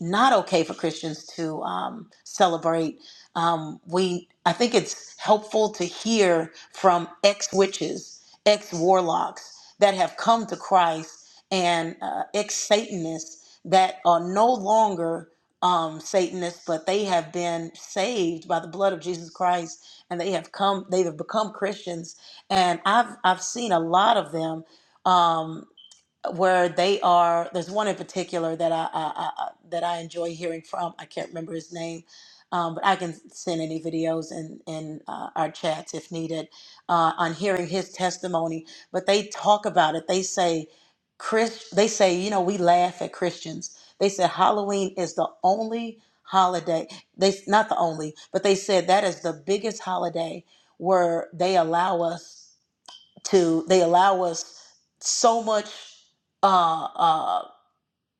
[SPEAKER 1] not okay for Christians to um, celebrate. Um, we, I think it's helpful to hear from ex witches, ex warlocks that have come to Christ and uh, ex Satanists that are no longer um, Satanists, but they have been saved by the blood of Jesus Christ and they have come, they have become Christians. And I've, I've seen a lot of them. Um, where they are. There's one in particular that I, I, I I- that I enjoy hearing from. I can't remember his name, um, but I can send any videos in in uh, our chats if needed uh, on hearing his testimony. But they talk about it. They say, Chris. They say, you know, we laugh at Christians. They said Halloween is the only holiday. They not the only, but they said that is the biggest holiday where they allow us to they allow us so much uh, uh,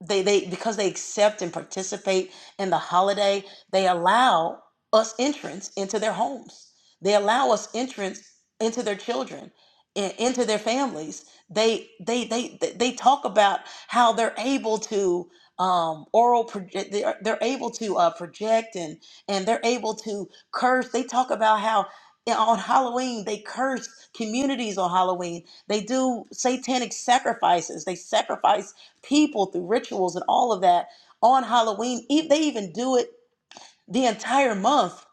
[SPEAKER 1] they they because they accept and participate in the holiday they allow us entrance into their homes they allow us entrance into their children and into their families they they they they they talk about how they're able to um oral project they're, they're able to uh, project and and they're able to curse they talk about how on Halloween, they curse communities on Halloween. They do satanic sacrifices. They sacrifice people through rituals and all of that on Halloween. E- They even do it the entire month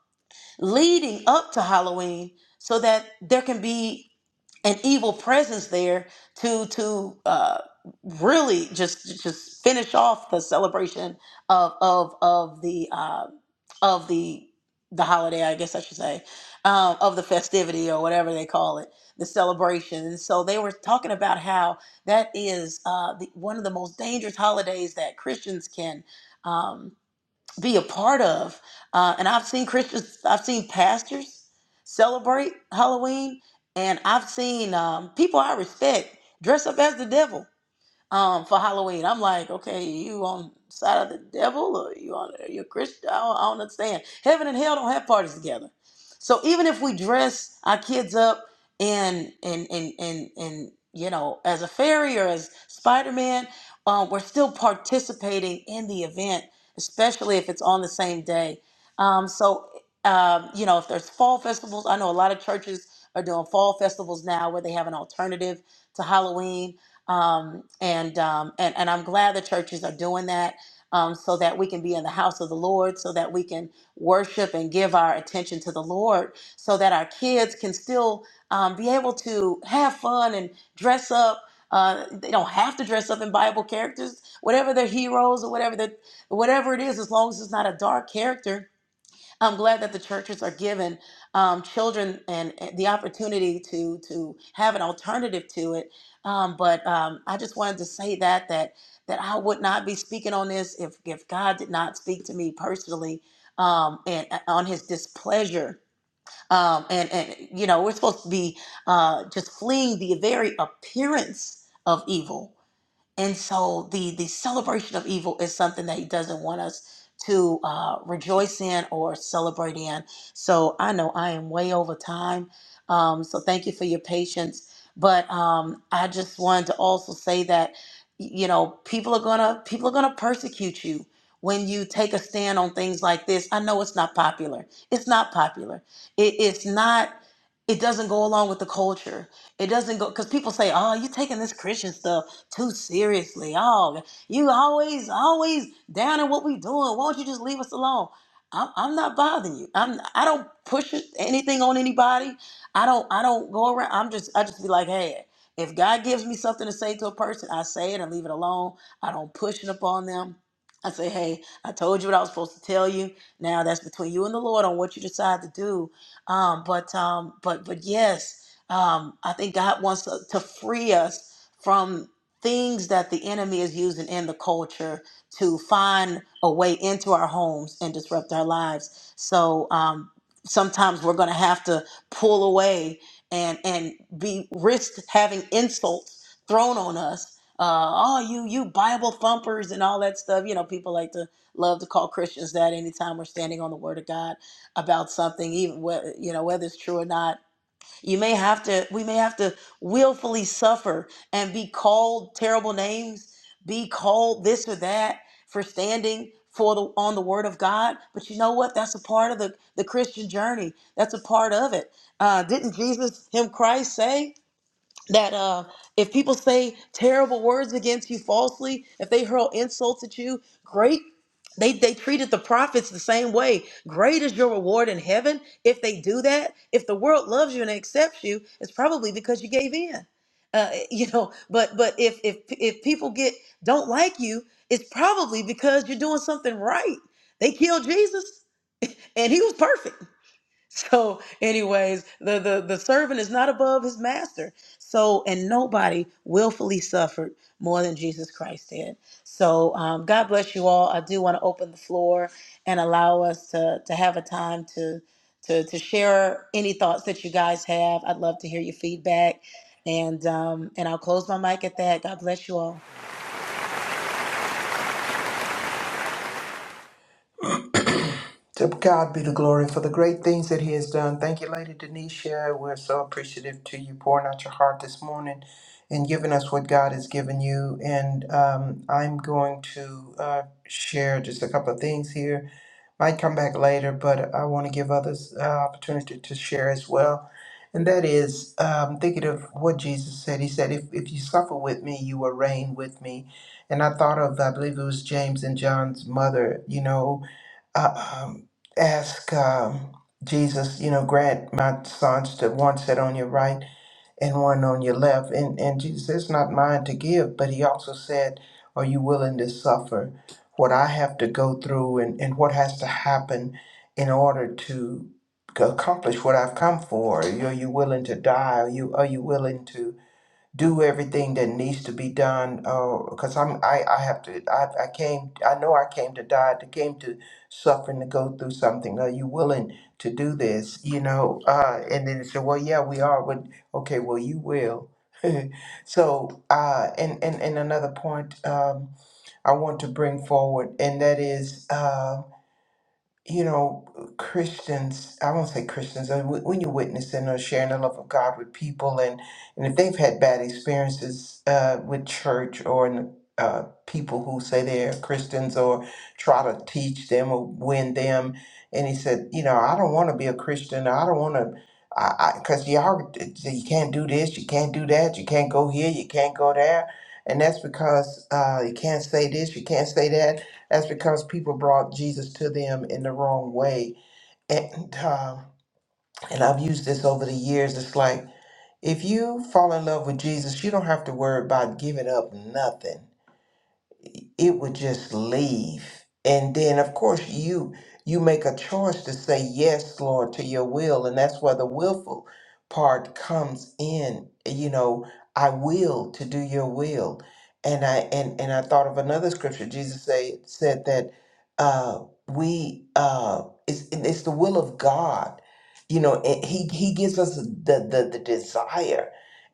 [SPEAKER 1] leading up to Halloween so that there can be an evil presence there to to uh, really just just finish off the celebration of of of the uh, of the the holiday, I guess I should say, um, of the festivity or whatever they call it, the celebration. And so they were talking about how that is uh, the, one of the most dangerous holidays that Christians can. Um, be a part of. Uh, and I've seen Christians, I've seen pastors celebrate Halloween, and I've seen um, people I respect dress up as the devil um, for Halloween. I'm like, okay, you on the side of the devil or you on are you a Christian? I don't, I don't understand. Heaven and hell don't have parties together. So even if we dress our kids up in in in in, in you know as a fairy or as Spider Man, um, we're still participating in the event, especially if it's on the same day. Um, so. Um, you know, if there's fall festivals, I know a lot of churches are doing fall festivals now where they have an alternative to Halloween um, and um, and and I'm glad the churches are doing that. Um, so that we can be in the house of the Lord, so that we can worship and give our attention to the Lord, so that our kids can still um, be able to have fun and dress up. Uh, they don't have to dress up in Bible characters, whatever their heroes or whatever the whatever it is, as long as it's not a dark character I'm glad that the churches are giving um, children and and the opportunity to to have an alternative to it. Um, but um, I just wanted to say that that that I would not be speaking on this if if God did not speak to me personally um, and uh, on His displeasure. Um, and and you know we're supposed to be uh, just fleeing the very appearance of evil and so the the celebration of evil is something that he doesn't want us to uh, rejoice in or celebrate in. So I know I am way over time. Um, so thank you for your patience. But um, I just wanted to also say that you know people are gonna people are gonna persecute you when you take a stand on things like this. I know it's not popular. It's not popular. It, it's not. It doesn't go along with the culture. It doesn't go because people say, "Oh, you taking this Christian stuff." too seriously. Oh, you always, always down in what we doing. Won't you just leave us alone? I'm, I'm not bothering you. I'm I don't push it- anything on anybody. I don't I don't go around. I'm just I just be like, hey, if God gives me something to say to a person, I say it and leave it alone. I don't push it upon them. I say, hey, I told you what I was supposed to tell you. Now that's between you and the Lord on what you decide to do. Um, but um, but but yes, um, I think God wants to, to free us from things that the enemy is using in the culture to find a way into our homes and disrupt our lives. So um, sometimes we're going to have to pull away and and be risked having insults thrown on us. Uh, oh, you you Bible thumpers and all that stuff. You know, people like to love to call Christians that anytime we're standing on the Word of God about something, even whether you know whether it's true or not you may have to, we may have to willfully suffer and be called terrible names, be called this or that for standing for the on the word of God. But you know what? That's a part of the, the Christian journey. That's a part of it. Uh, didn't Jesus, him Christ say? that uh, if people say terrible words against you falsely, if they hurl insults at you, great. They, they treated the prophets the same way. Great is your reward in heaven if they do that. If the world loves you and accepts you, it's probably because you gave in. Uh, you know, but but if if if people get don't like you, it's probably because you're doing something right. They killed Jesus and he was perfect. So, anyways, the, the the servant is not above his master. So, and nobody willfully suffered more than Jesus Christ did. So, um, God bless you all. I do want to open the floor and allow us to to have a time to to to share any thoughts that you guys have. I'd love to hear your feedback, and um, and I'll close my mic at that. God bless you all.
[SPEAKER 3] to God be the glory for the great things that He has done. Thank you, Lady Denisha. We're so appreciative to you pouring out your heart this morning and giving us what God has given you. And um, I'm going to uh, share just a couple of things here. might come back later, but I want to give others uh, opportunity to share as well. And that is um, thinking of what Jesus said. He said, if, if you suffer with me, you will reign with me. And I thought of, I believe it was James and John's mother, you know, uh, um, ask um, Jesus, you know, grant my sons to one sit on your right and one on your left. And, and Jesus said, It's not mine to give, but he also said, Are you willing to suffer what I have to go through and, and what has to happen in order to accomplish what I've come for? Are you willing to die? Are you, are you willing to? do everything that needs to be done because i'm I, I have to I, I came i know i came to die to came to suffer and to go through something are you willing to do this you know uh and then they said well yeah we are but okay well you will so uh and, and and another point um i want to bring forward and that is uh you know, Christians, I won't say Christians, uh, wh- when you're witnessing or sharing the love of God with people, and, and if they've had bad experiences uh, with church or in, uh, people who say they're Christians or try to teach them or win them, and he said, you know, I don't want to be a Christian, I don't want to. I, I, cause y'all, you can't do this, you can't do that, you can't go here, you can't go there, and that's because uh, you can't say this, you can't say that, that's because people brought Jesus to them in the wrong way. And um, and I've used this over the years. It's like if you fall in love with Jesus, you don't have to worry about giving up nothing it it would just leave. And then of course you you make a choice to say yes, Lord, to your will. And that's where the willful part comes in. You know, I will to do your will. And I and, and I thought of another scripture. Jesus say, said that uh we uh it's it's the will of God. You know, and he he gives us the the, the desire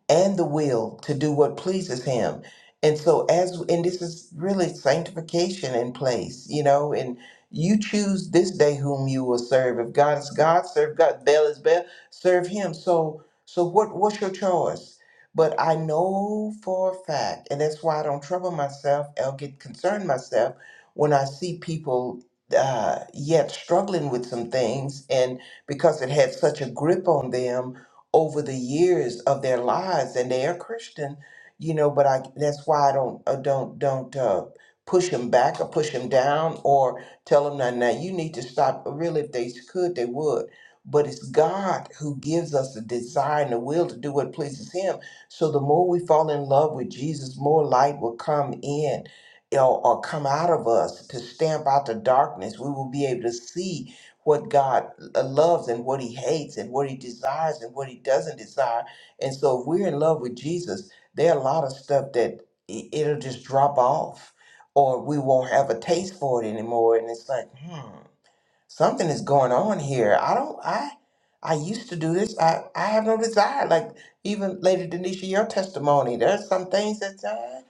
[SPEAKER 3] and the will to do what pleases him and so as and this is really sanctification in place you know and you choose this day whom you will serve if god is god serve god baal is baal serve him so so what what's your choice but i know for a fact and that's why i don't trouble myself i'll get concerned myself when i see people uh, yet struggling with some things and because it had such a grip on them over the years of their lives and they are Christian, you know, but I that's why I don't uh, don't don't uh, push them back or push them down or tell them now now you need to stop. uh, Really, if they could, they would. But it's God who gives us the desire and the will to do what pleases Him. So the more we fall in love with Jesus, more light will come in you know, or come out of us to stamp out the darkness. We will be able to see what God uh, loves and what he hates and what he desires and what he doesn't desire. And so if we're in love with Jesus, there are a lot of stuff that i- it'll just drop off or we won't have a taste for it anymore. And it's like, hmm something is going on here. I don't I I used to do this. I I have no desire. Like even Lady Denisha, your testimony. There's some things that uh,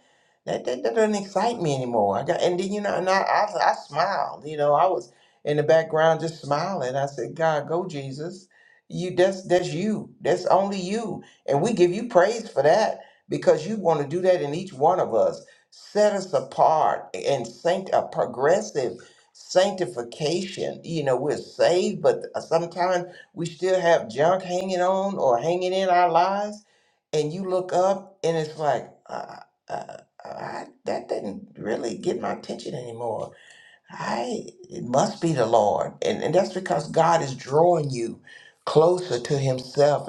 [SPEAKER 3] that, that that doesn't excite me anymore. I got and then you know and I, I I smiled. You know I was in the background just smiling. I said, God, go Jesus. You that's that's you. That's only you. And we give you praise for that because you want to do that in each one of us. Set us apart and saint a progressive sanctification. You know, we're saved, but uh, sometimes we still have junk hanging on or hanging in our lives. And you look up, and it's like, uh, uh, I, that didn't really get my attention anymore. I it must be the Lord, and and that's because God is drawing you closer to Himself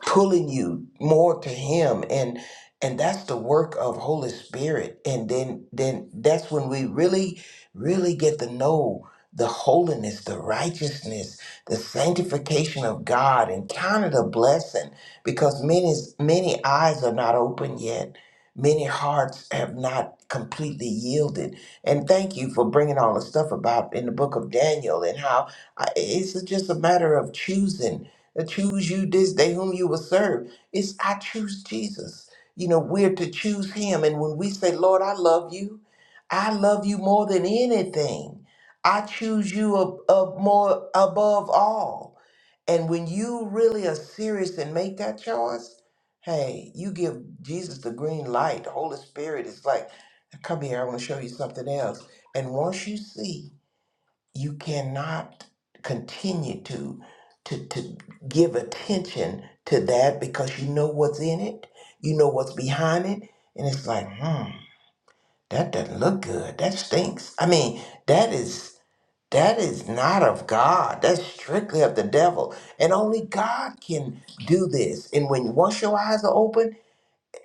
[SPEAKER 3] pulling you more to him and and that's the work of holy spirit and then then that's when we really really get to know the holiness the righteousness the sanctification of god and count it a blessing because many many eyes are not open yet many hearts have not completely yielded and thank you for bringing all the stuff about in the book of daniel and how I, it's just a matter of choosing Choose you this day whom you will serve. It's I choose Jesus. You know, we're to choose him. And when we say, Lord, I love you, I love you more than anything. I choose you ab- ab- more above all. And when you really are serious and make that choice, hey, you give Jesus the green light. The Holy Spirit is like, come here, I want to show you something else. And once you see, you cannot continue to to to give attention to that because you know what's in it, you know what's behind it, and it's like, hmm, that doesn't look good. That stinks. I mean, that is that is not of God. That's strictly of the devil. And only God can do this. And when once your eyes are open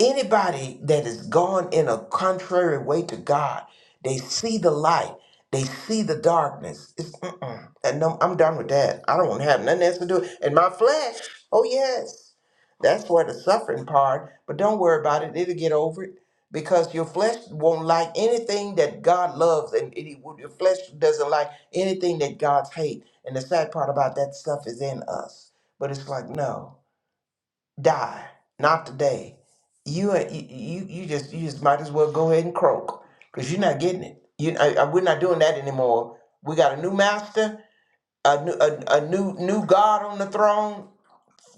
[SPEAKER 3] anybody that is gone in a contrary way to God, they see the light, they see the darkness. It's, mm-mm. And no, I'm done with that. I don't want to have nothing else to do. And my flesh, oh yes, that's where the suffering part. But don't worry about it; it'll get over it because your flesh won't like anything that God loves, and it, your flesh doesn't like anything that God hates. And the sad part about that stuff is in us. But it's like no die, not today. You a- you you you just you just might as well go ahead and croak because you're not getting it. You I, I- we're not doing that anymore. We got a new master, a new a, a new new God on the throne.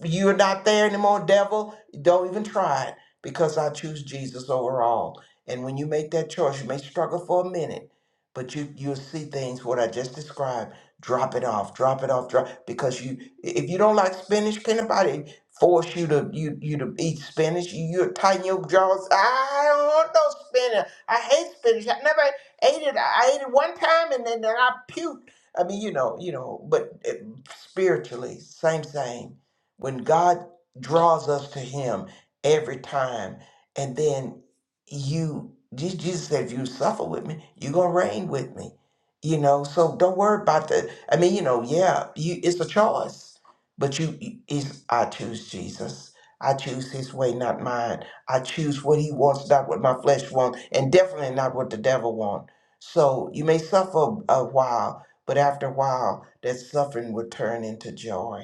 [SPEAKER 3] You're not there anymore, devil. Don't even try it because I choose Jesus over all. And when you make that choice, you may struggle for a minute, but you you'll see things what I just described. Drop it off, drop it off, drop because you if you don't like spinach, can anybody force you to you you to eat spinach? You you tighten your jaws. I don't want no spinach. I hate spinach. I never ate it. I ate it one time and then, then I puked. I mean, you know, you know, but it, spiritually, same thing when God draws us to Him every time, and then you, Je- Jesus said, if you suffer with me, you're gonna reign with me. You know, so don't worry about the. I mean, you know, yeah, you it's a choice, but you is I choose Jesus. I choose His way, not mine. I choose what He wants, not what my flesh wants, and definitely not what the devil wants. So you may suffer a while, but after a while, that suffering will turn into joy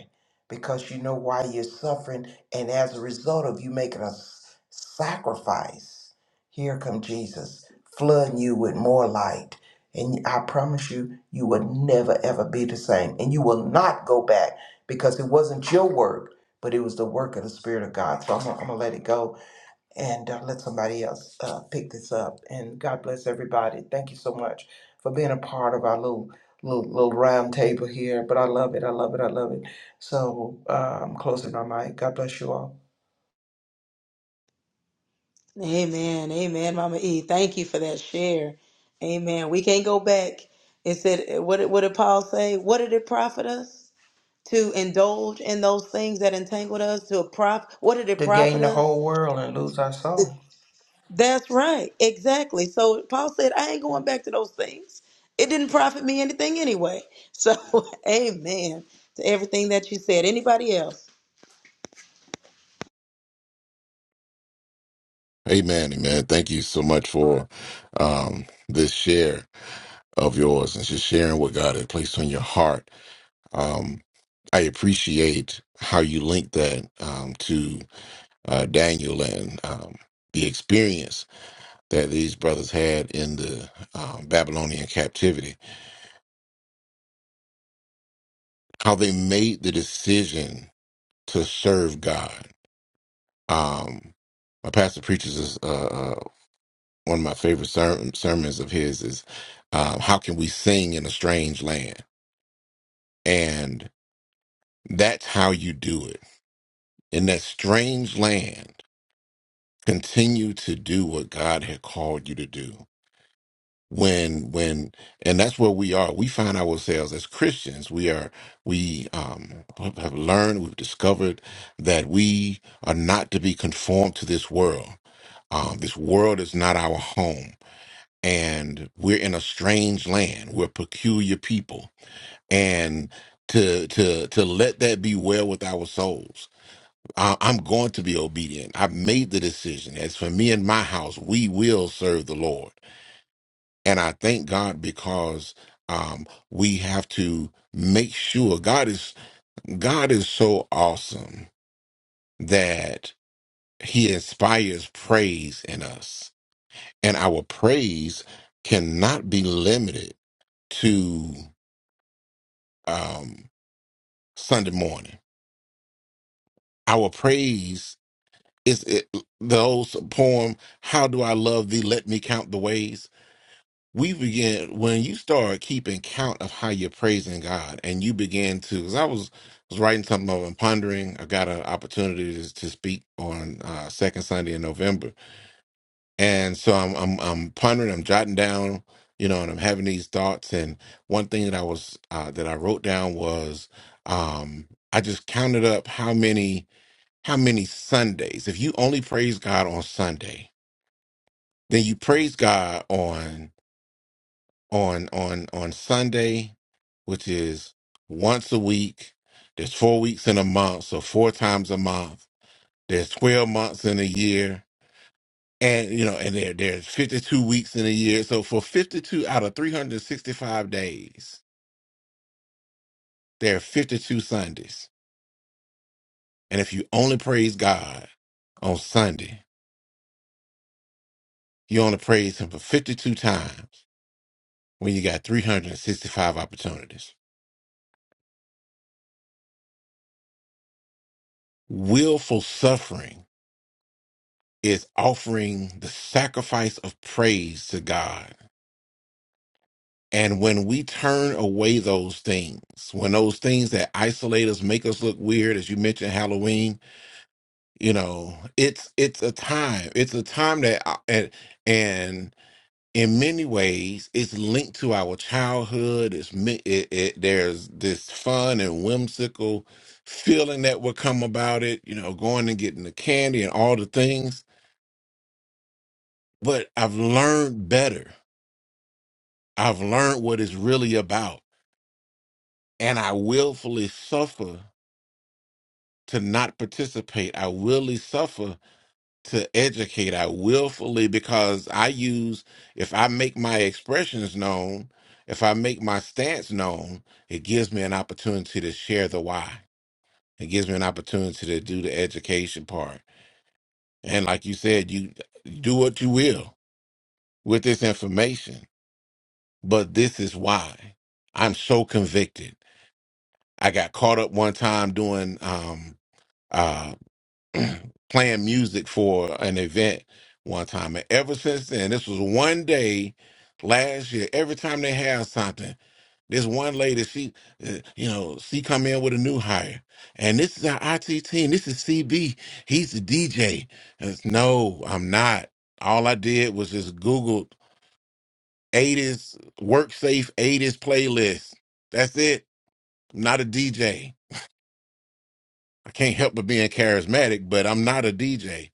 [SPEAKER 3] because you know why you're suffering and as a result of you making a s- sacrifice here come jesus flooding you with more light and i promise you you will never ever be the same and you will not go back because it wasn't your work but it was the work of the spirit of god so i'm gonna, I'm gonna let it go and uh, let somebody else uh, pick this up. And God bless everybody. Thank you so much for being a part of our little little, little round table here. But I love it. I love it. I love it. So uh, I'm closing my mic. God bless you all.
[SPEAKER 1] Amen. Amen, Mama E. Thank you for that share. Amen. We can't go back. It said, what did, what did Paul say? What did it profit us to indulge in those things that entangled us? To a prof, what did it
[SPEAKER 3] To
[SPEAKER 1] profit
[SPEAKER 3] gain the
[SPEAKER 1] us?
[SPEAKER 3] whole world and lose our soul.
[SPEAKER 1] That's right. Exactly. So Paul said, I ain't going back to those things. It didn't profit me anything anyway. So, amen to everything that you said. Anybody else?
[SPEAKER 2] Amen, amen. Thank you so much for um, this share of yours and just sharing what God had placed on your heart. Um, I appreciate how you link that um, to uh, Daniel and um, the experience that these brothers had in the um, Babylonian captivity, how they made the decision to serve God. Um, my pastor preaches this. Uh, uh, one of my favorite ser- sermons of his is um, how can we sing in a strange land and that's how you do it in that strange land continue to do what god had called you to do when when and that's where we are we find ourselves as christians we are we um have learned we've discovered that we are not to be conformed to this world um, this world is not our home and we're in a strange land. We're peculiar people, and to to to let that be well with our souls. I, I'm going to be obedient. I've made the decision. As for me and my house, we will serve the Lord, and I thank God because um, we have to make sure God is God is so awesome that He inspires praise in us, and our praise cannot be limited to. um, Sunday morning. Our praise is it, the old poem, How Do I Love Thee? Let Me Count the Ways. We begin, when you start keeping count of how you're praising God and you begin to, because I was, was writing something up and pondering, I got an opportunity to, to speak on uh, second Sunday in November and so I'm I'm I'm pondering, I'm jotting down, you know, and I'm having these thoughts. And one thing that I was uh, that I wrote down was um, I just counted up how many how many Sundays. If you only praise God on Sunday, then you praise God on on on on Sunday, which is once a week. There's four weeks in a month, so four times a month. There's twelve months in a year and you know, and there there's 52 weeks in a year. So for 52 out of 365 days, there are 52 Sundays. And if you only praise God on Sunday, you only praise Him for 52 times when you got 365 opportunities. Willful suffering is offering the sacrifice of praise to God. And when we turn away those things, when those things that isolate us, make us look weird, as you mentioned, Halloween, you know it's it's a time it's a time that I- and and in many ways it's linked to our childhood it's mi- it, it there's this fun and whimsical feeling that would come about it you know going and getting the candy and all the things but i've learned better i've learned what it's really about and i willfully suffer to not participate i willfully suffer to educate. I willfully because I use if I make my expressions known, if I make my stance known, it gives me an opportunity to share the why. It gives me an opportunity to do the education part. And like you said, you do what you will with this information, but this is why I'm so convicted. I got caught up one time doing um uh, playing music for an event one time. And ever since then, this was one day last year. Every time they have something, this one lady, she, uh, you know, she come in with a new hire. And this is our IT team. This is CB. He's the DJ. And it's, no, I'm not. All I did was just Googled 80s, work safe 80s playlist. That's it. I'm not a DJ. I can't help but being charismatic, but I'm not a DJ.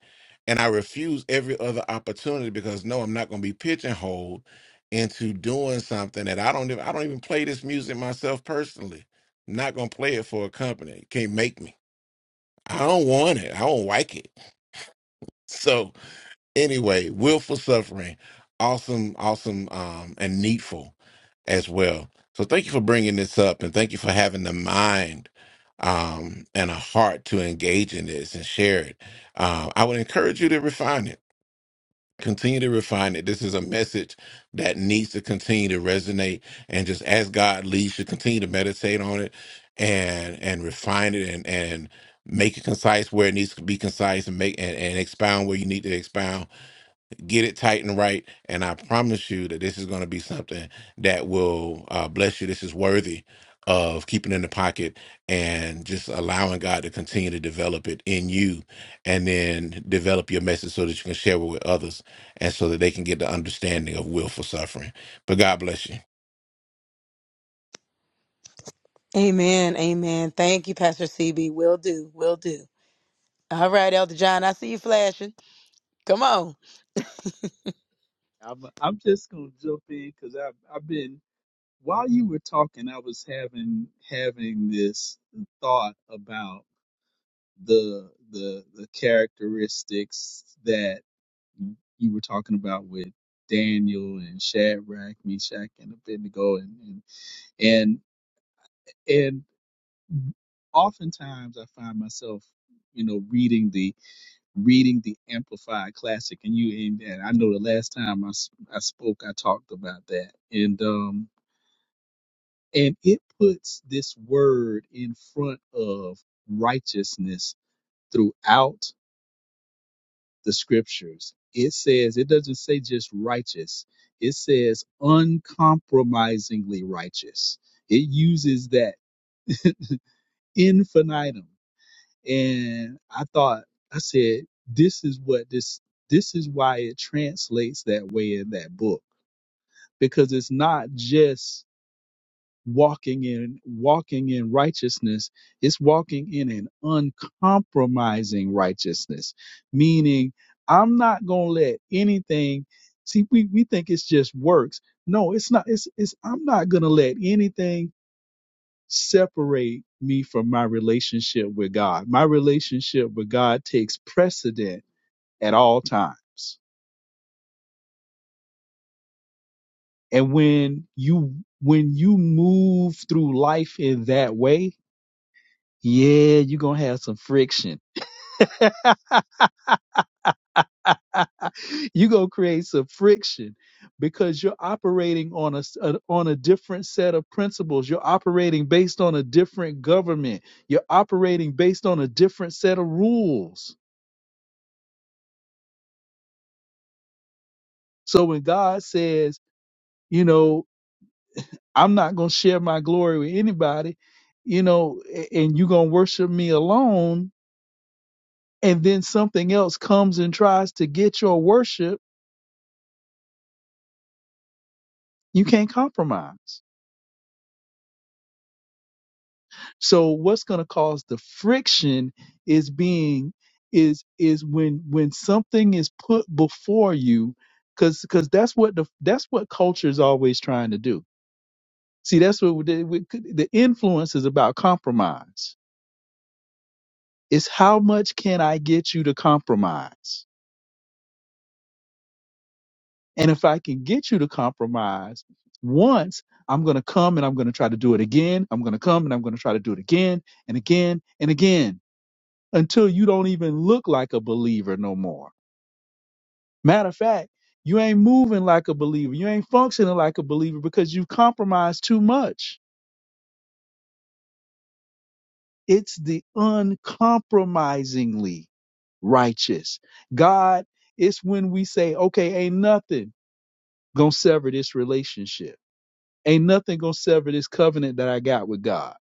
[SPEAKER 2] And I refuse every other opportunity because no, I'm not going to be pigeonholed into doing something that I don't even I don't even play this music myself personally. I'm not going to play it for a company. It can't make me. I don't want it. I don't like it. So anyway, willful suffering, awesome, awesome, um, and needful as well. So thank you for bringing this up, and thank you for having the mind um, and a heart to engage in this and share it. Uh, I would encourage you to refine it. Continue to refine it. This is a message that needs to continue to resonate, and just as God leads you, continue to meditate on it and and refine it and and make it concise where it needs to be concise and make and, and expound where you need to expound get it tight and right. And I promise you that this is going to be something that will uh, bless you. This is worthy of keeping in the pocket and just allowing God to continue to develop it in you and then develop your message so that you can share it with others and so that they can get the understanding of willful suffering. But God bless you.
[SPEAKER 1] Amen. Amen. Thank you, Pastor CB. Will do. Will do. All right, Elder John. I see you flashing. Come on.
[SPEAKER 4] I'm, I'm just gonna jump in because I've I've been while you were talking, I was having having this thought about the the the characteristics that you were talking about with Daniel and Shadrach, Meshach, and Abednego, and and and, and oftentimes I find myself, you know, reading the reading the Amplified Classic, and you and, and I know the last time I s- I spoke, I talked about that, and um and it puts this word in front of righteousness throughout the scriptures. It says it doesn't say just righteous; it says uncompromisingly righteous. It uses that infinitum. And I thought, I said, this is what this, this is why it translates that way in that book, because it's not just walking in, walking in righteousness. It's walking in an uncompromising righteousness, meaning I'm not going to let anything See, we, we think it's just works. No, it's not. It's, it's I'm not going to let anything separate me from my relationship with God. My relationship with God takes precedent at all times. And when you when you move through life in that way, yeah, you're gonna have some friction. you're gonna create some friction because you're operating on a, s- a- on a different set of principles. You're operating based on a different government. You're operating based on a different set of rules. So when God says you know, I'm not going to share my glory with anybody, you know, a- and you're going to worship me alone. And then something else comes and tries to get your worship. You can't compromise. So what's going to cause the friction is being is is when when something is put before you cuz cuz that's what the that's what culture is always trying to do. See, that's what we, we, the influence is about compromise It's how much can I get you to compromise? And if I can get you to compromise once, I'm going to come and I'm going to try to do it again. I'm going to come and I'm going to try to do it again and again and again until you don't even look like a believer no more. Matter of fact, you ain't moving like a believer. You ain't functioning like a believer because you've compromised too much. It's the uncompromisingly righteous. God, it's when we say, okay, ain't nothing. gonna sever this relationship. Ain't nothing gonna sever this covenant that I got with God.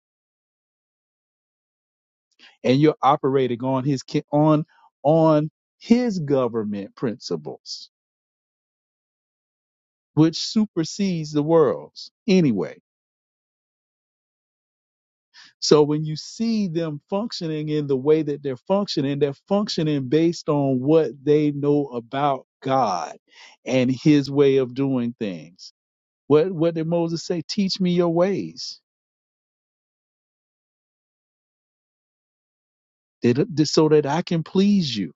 [SPEAKER 4] And you're operating on his ki- on on his government principles, which supersedes the world's anyway. So when you see them functioning in the way that they're functioning, they're functioning based on what they know about God and his way of doing things. What what did Moses say? Teach me your ways did, did- so that I can please you.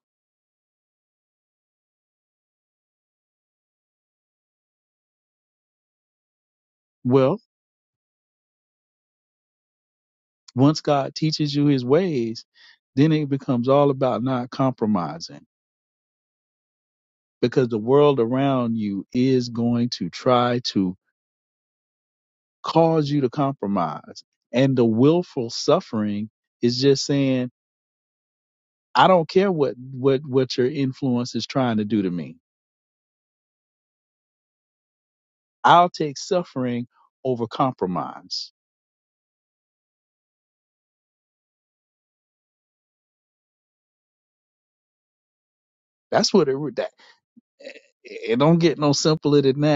[SPEAKER 4] Well, Once God teaches you his ways, then it becomes all about not compromising because the world around you is going to try to cause you to compromise. And the willful suffering is just saying, I don't care what, what, what your influence is trying to do to me. I'll take suffering over compromise. That's what it, that, eh, it don't get no simpler than that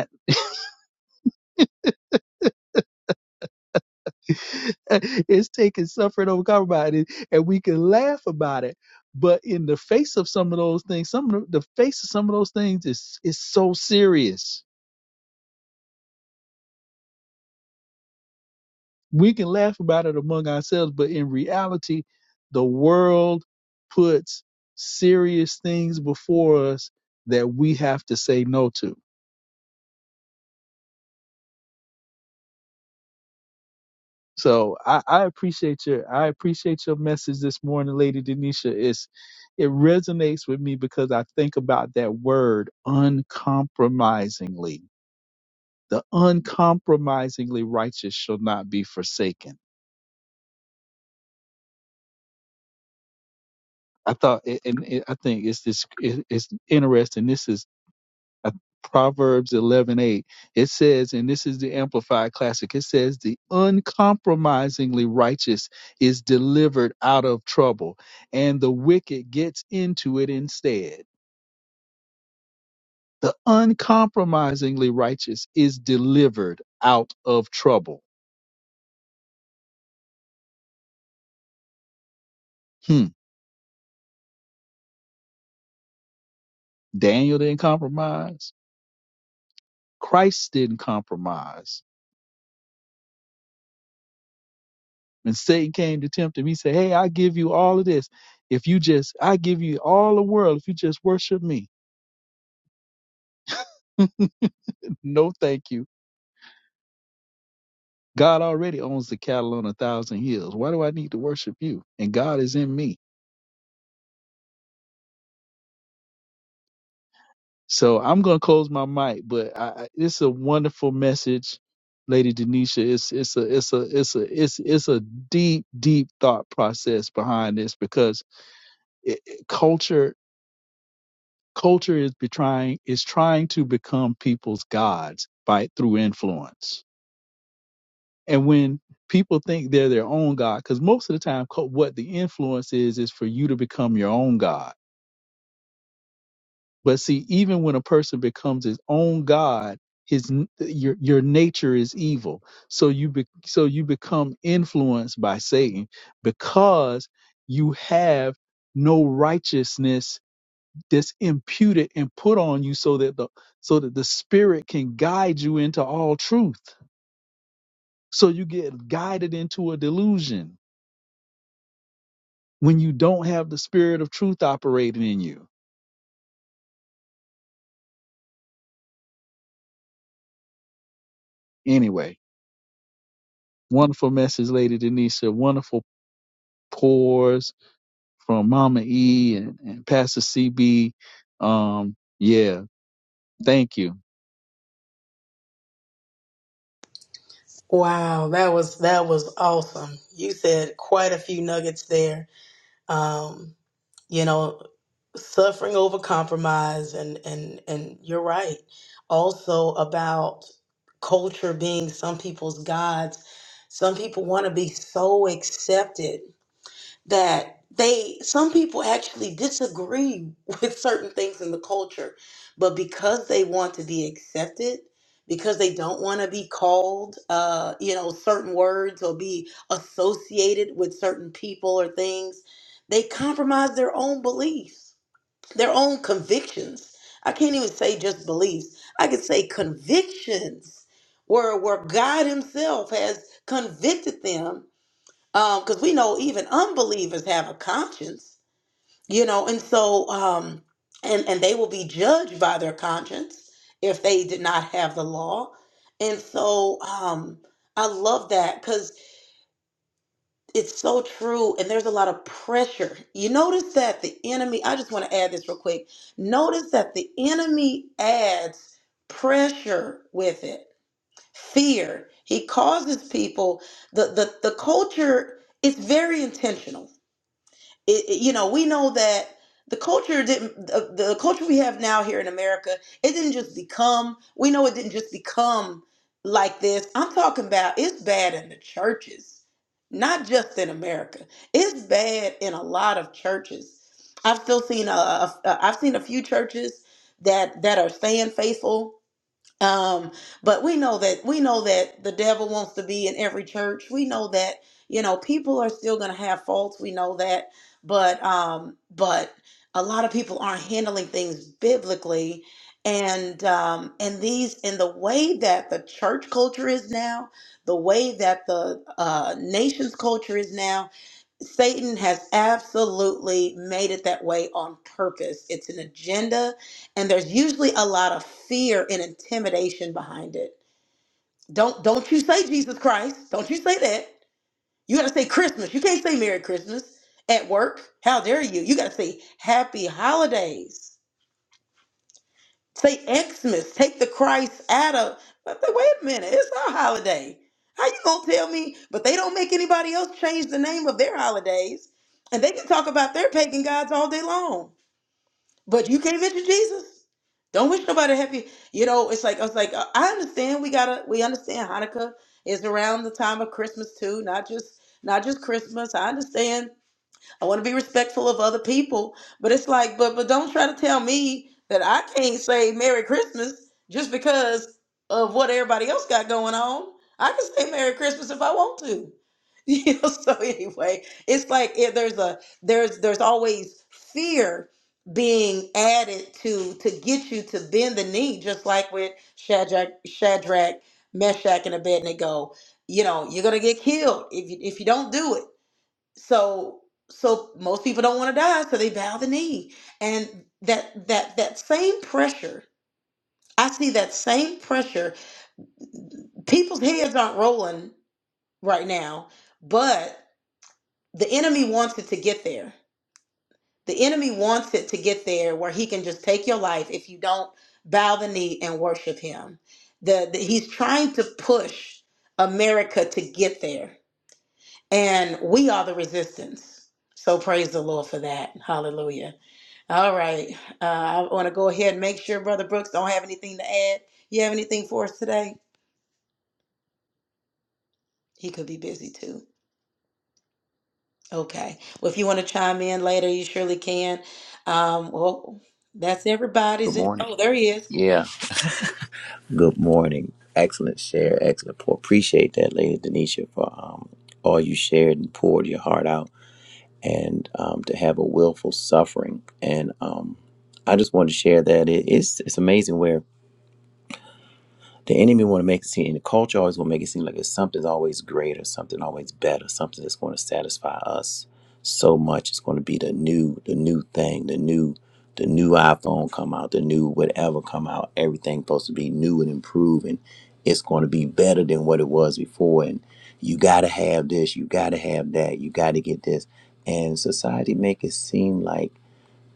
[SPEAKER 4] it's taking suffering over compromise, and, and we can laugh about it. But in the face of some of those things, some of the, the face of some of those things is is so serious. We can laugh about it among ourselves, but in reality, the world puts serious things before us that we have to say no to. So I, I appreciate your I appreciate your message this morning, Lady Denisha. It's it resonates with me because I think about that word uncompromisingly. The uncompromisingly righteous shall not be forsaken. I thought, and and I think it's this. It, It's interesting. This is uh, Proverbs eleven eight. It says, and this is the Amplified Classic, it says, the uncompromisingly righteous is delivered out of trouble, and the wicked gets into it instead. The uncompromisingly righteous is delivered out of trouble. Hmm. Daniel didn't compromise. Christ didn't compromise. When Satan came to tempt him, he said, Hey, I give you all of this. If you just, I give you all the world if you just worship me. No, thank you. God already owns the cattle on a thousand hills. Why do I need to worship you? And God is in me. So I'm going to close my mic, but I, I- it's a wonderful message, Lady Denisha. It's it's a it's a it's a it's it's a deep deep thought process behind this because it, it- culture culture is be trying is trying to become people's gods by through influence And when people think they're their own God, because most of the time, co- what the influence is, is for you to become your own God. But see, even when a person becomes his own God, his n- your your nature is evil. So you be, so you become influenced by Satan because you have no righteousness that's imputed and put on you so that the so that the spirit can guide you into all truth. So you get guided into a delusion when you don't have the spirit of truth operating in you. Anyway, wonderful message, Lady Denisha. Wonderful pours from Mama E and, and Pastor CB. Um, yeah, thank you.
[SPEAKER 1] Wow, that was that was awesome. You said quite a few nuggets there. Um, you know, suffering over compromise and and and you're right. Also about culture being some people's gods. Some people want to be so accepted that they some people actually disagree with certain things in the culture but because they want to be accepted because they don't want to be called uh, you know certain words or be associated with certain people or things they compromise their own beliefs their own convictions i can't even say just beliefs i could say convictions where where god himself has convicted them um because we know even unbelievers have a conscience you know and so um and and they will be judged by their conscience if they did not have the law and so um i love that because it's so true and there's a lot of pressure you notice that the enemy i just want to add this real quick notice that the enemy adds pressure with it fear he causes people the the, the culture it's very intentional it, it- you know we know that the culture didn't the, the culture we have now here in america it didn't just become we know it didn't just become like this i'm talking about it's bad in the churches not just in america it's bad in a lot of churches i've still seen a, a, a i've seen a few churches that that are staying faithful um but we know that we know that the devil wants to be in every church we know that you know people are still going to have faults we know that but um but a lot of people aren't handling things biblically and um and these and the way that the church culture is now the way that the uh nation's culture is now Satan has absolutely made it that way on purpose. It's an agenda, and there's usually a lot of fear and intimidation behind it. Don't don't you say Jesus Christ. Don't you say that. You gotta say Christmas. You can't say Merry Christmas at work. How dare you? You gotta say Happy Holidays. Say Xmas, take the Christ out of. But the- wait a minute, it's our holiday. How you gonna tell me? But they don't make anybody else change the name of their holidays, and they can talk about their pagan gods all day long. But you can't mention Jesus. Don't wish nobody happy. You know, it's like I was like, uh, I understand. We gotta, we understand. Hanukkah is around the time of Christmas too, not just not just Christmas. I understand I want to be respectful of other people, but it's like, but but don't try to tell me that I can't say Merry Christmas just because of what everybody else got going on. I can say Merry Christmas if I want to. You know, so anyway, it's like if there's a there's there's always fear being added to to get you to bend the knee, just like with Shadrach, Shadrach, Meshach, and Abednego. You know, you're gonna get killed if you if you don't do it so so most people don't want to die so they bow the knee and that that that same pressure i see that same pressure people's heads aren't rolling right now but the enemy wants it to get there the enemy wants it to get there where he can just take your life if you don't bow the knee and worship him the, the he's trying to push america to get there and we are the resistance so praise the lord for that hallelujah All right. Uh, I want to go ahead and make sure Brother Brooks don't have anything to add. You have anything for us today? He could be busy too. Okay. Well, if you want to chime in later, you surely can. Um, well, that's
[SPEAKER 5] Good
[SPEAKER 1] everybody's. In-
[SPEAKER 5] morning.
[SPEAKER 1] oh, there he is.
[SPEAKER 5] Yeah. Good morning. Excellent share. Excellent pour. Appreciate that, Lady Denisha, for um, all you shared and poured your heart out, and um, to have a willful suffering. And um, I just wanted to share that it, it's it's amazing where The enemy want to make it seem, and the culture always want to make it seem like it's something's always greater, something always better, something that's going to satisfy us so much. It's going to be the new, the new thing, the new, the new iPhone come out, the new whatever come out. Everything's supposed to be new and improved, and it's going to be better than what it was before. And you got to have this, you got to have that, you got to get this. And society make it seem like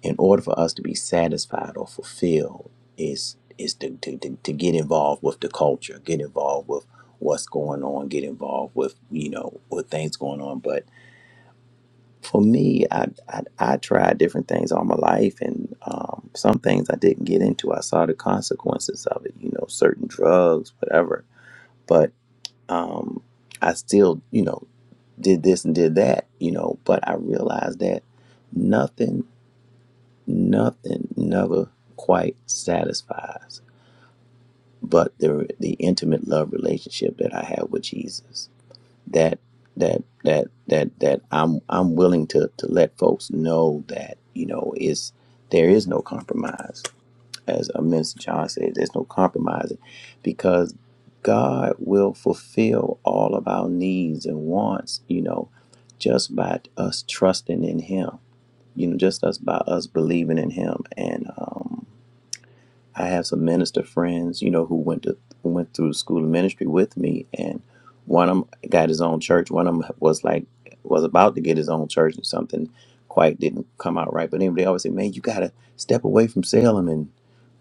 [SPEAKER 5] in order for us to be satisfied or fulfilled is is to, to, to, to get involved with the culture get involved with what's going on get involved with you know with things going on but for me i i, I tried different things all my life and um, some things i didn't get into i saw the consequences of it you know certain drugs whatever but um, i still you know did this and did that you know but i realized that nothing nothing never quite satisfies but the the intimate love relationship that I have with Jesus that that that that that I'm I'm willing to to let folks know that you know is there is no compromise as a minister John said there's no compromising because God will fulfill all of our needs and wants you know just by us trusting in him you know just us by us believing in him and um I have some minister friends, you know, who went to went through school of ministry with me, and one of them got his own church. One of them was like was about to get his own church, and something quite didn't come out right. But anyway, they always say, "Man, you gotta step away from Salem and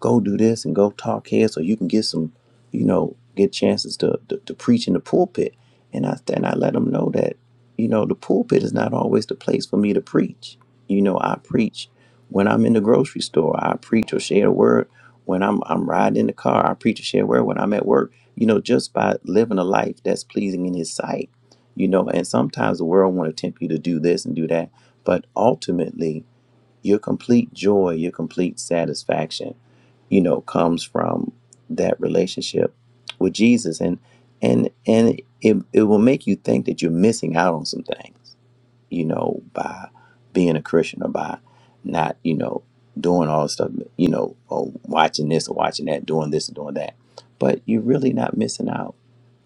[SPEAKER 5] go do this and go talk here, so you can get some, you know, get chances to to, to preach in the pulpit." And I and I let them know that, you know, the pulpit is not always the place for me to preach. You know, I preach when I'm in the grocery store. I preach or share a word when I'm I'm riding in the car, I preach a share word when I'm at work, you know, just by living a life that's pleasing in his sight. You know, and sometimes the world want to tempt you to do this and do that, but ultimately your complete joy, your complete satisfaction, you know, comes from that relationship with Jesus. And and and it, it will make you think that you're missing out on some things you know, by being a Christian or by not, you know, doing all this stuff, you know, or watching this or watching that, doing this or doing that. But you're really not missing out.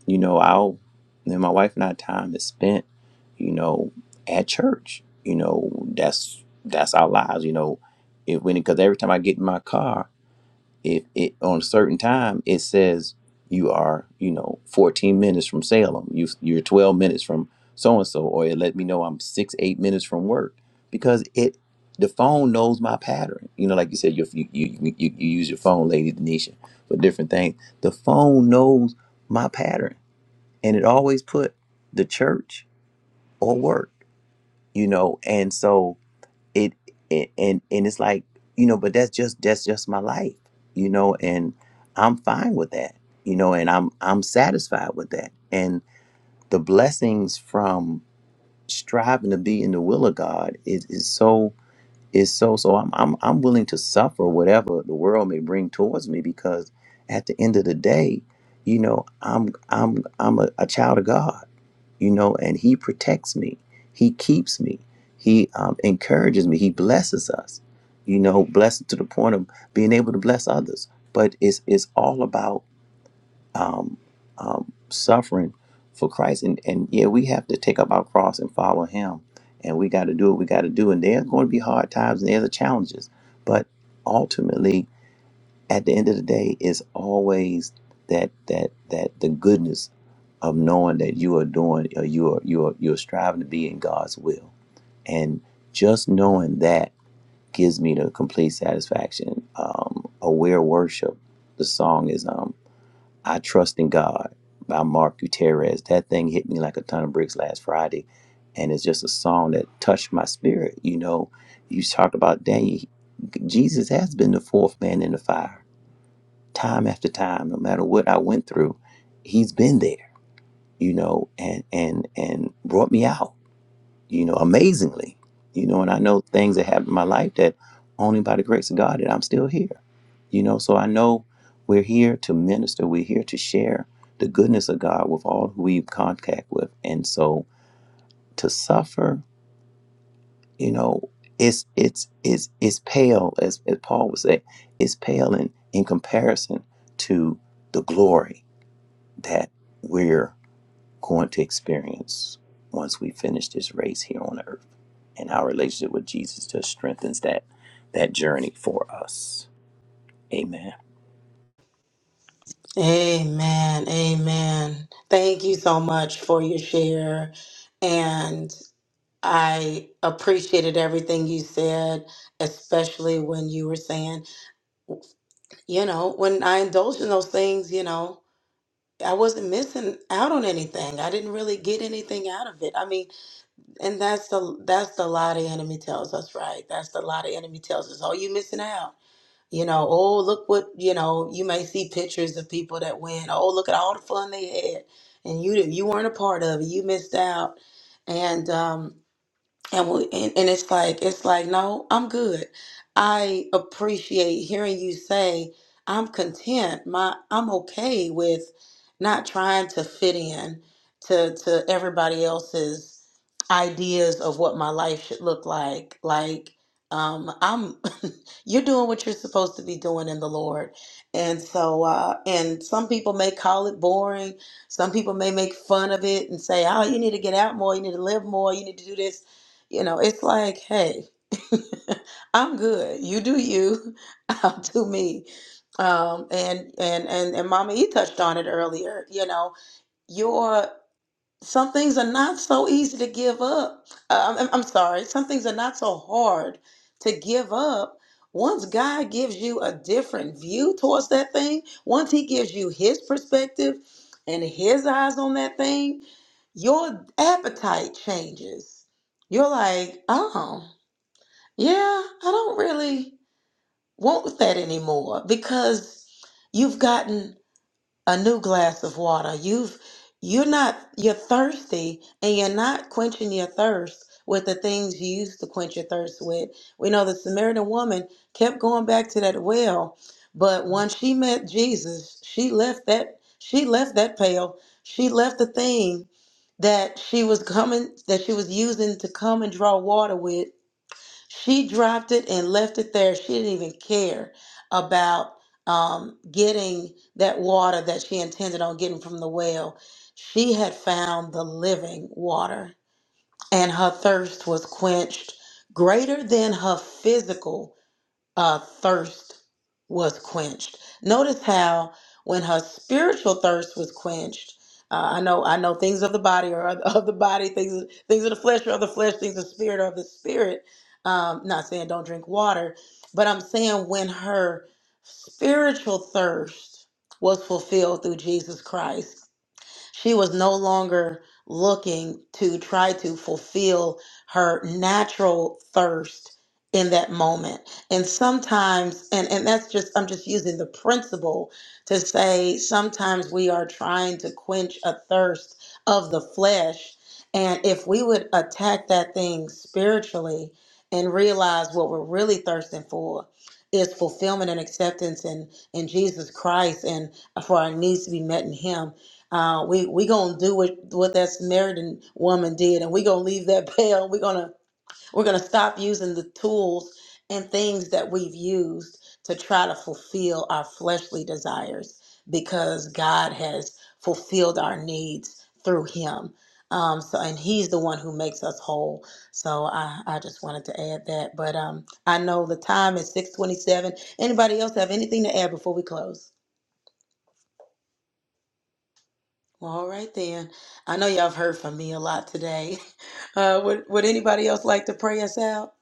[SPEAKER 5] You know, I'll, and my wife and I time is spent, you know, at church. You know, that's, that's our lives, you know. It when, because every time I get in my car, if it on a certain time it says you are you know 14 minutes from Salem. You you're 12 minutes from so and so, or it let me know I'm six eight minutes from work because it the phone knows my pattern. You know, like you said, you you you, you, you use your phone, Lady Denisha, for different things. The phone knows my pattern, and it always put the church or work. You know, and so it, it and and it's like you know but that's just that's just my life you know and i'm fine with that you know and i'm i'm satisfied with that and the blessings from striving to be in the will of god is is so is so so i'm i'm, I'm willing to suffer whatever the world may bring towards me because at the end of the day you know i'm i'm i'm a, a child of god you know, and He protects me. He keeps me. He um, encourages me. He blesses us, you know, blessed to the point of being able to bless others. But it's it's all about um, um, suffering for Christ, and and yeah, we have to take up our cross and follow Him, and we got to do what we got to do. And there's going to be hard times and there's the challenges, but ultimately at the end of the day it's always that that that the goodness of knowing that you are doing or you are you are you're striving to be in God's will and just knowing that gives me the complete satisfaction um aware worship the song is um I trust in God by Mark Gutierrez that thing hit me like a ton of bricks last Friday and it's just a song that touched my spirit you know you talked about Daniel Jesus has been the fourth man in the fire time after time, no matter what I went through, he's been there, you know, and and and brought me out, you know, amazingly, you know, and I know things that happened in my life that only by the grace of God that I'm still here, you know. So I know we're here to minister, we're here to share the goodness of God with all who we've contact with, and so to suffer, you know, it's it's it's it's pale, as as Paul would say, it's pale in in comparison to the glory that we're going to experience once we finish this race here on earth. And our relationship with Jesus just strengthens that that journey for us. Amen.
[SPEAKER 1] Amen. Amen. Thank you so much for your share. And I appreciated everything you said, especially when you were saying, you know, when I indulge in those things, you know, I wasn't missing out on anything. I didn't really get anything out of it. I mean, and that's the that's the lie the enemy tells us, right? That's the lie the enemy tells us. Oh, you missing out. You know, oh look what you know, you may see pictures of people that win. Oh, look at all the fun they had. And you didn't- you weren't a part of it. You missed out. And um and we, and, and it's like it's like no i'm good i appreciate hearing you say i'm content my i'm okay with not trying to fit in to to everybody else's ideas of what my life should look like like um i'm you're doing what you're supposed to be doing in the lord and so uh and some people may call it boring some people may make fun of it and say oh you need to get out more you need to live more you need to do this you know, it's like, hey, I'm good. You do you. I'll do me. Um, and and and and Mama E touched on it earlier. You know, your. Some things are not so easy to give up. Uh, I'm, I'm sorry. Some things are not so hard to give up. Once God gives you a different view towards that thing, once He gives you His perspective and His eyes on that thing, your appetite changes. You're like, oh, yeah, I don't really want that anymore because you've gotten a new glass of water. You've you're not you're thirsty and you're not quenching your thirst with the things you used to quench your thirst with. We know the Samaritan woman kept going back to that well, but when she met Jesus, she left that she left that pail. She left the thing that she was coming that she was using to come and draw water with she dropped it and left it there. She didn't even care about um, getting that water that she intended on getting from the well. She had found the living water, and her thirst was quenched greater than her physical uh, thirst was quenched. Notice how when her spiritual thirst was quenched, uh, I know I know things of the body are of of the body, things things of the flesh are of the flesh, things of the spirit are of the spirit. Um, not saying don't drink water, but I'm saying when her spiritual thirst was fulfilled through Jesus Christ, she was no longer looking to try to fulfill her natural thirst in that moment. And sometimes, and, and that's just, I'm just using the principle to say sometimes we are trying to quench a thirst of the flesh. And if we would attack that thing spiritually and realize what we're really thirsting for is fulfillment and acceptance in, in Jesus Christ and for our needs to be met in Him uh, we we gonna do what what that Samaritan woman did, and we gonna leave that veil. We're gonna we're gonna stop using the tools and things that we've used to try to fulfill our fleshly desires, because God has fulfilled our needs through Him. Um, so, and He's the one who makes us whole. So, I I just wanted to add that. But um, I know the time is six twenty seven. Anybody else have anything to add before we close? Well, all right then. I know y'all have heard from me a lot today. Uh, would, would anybody else like to pray us out?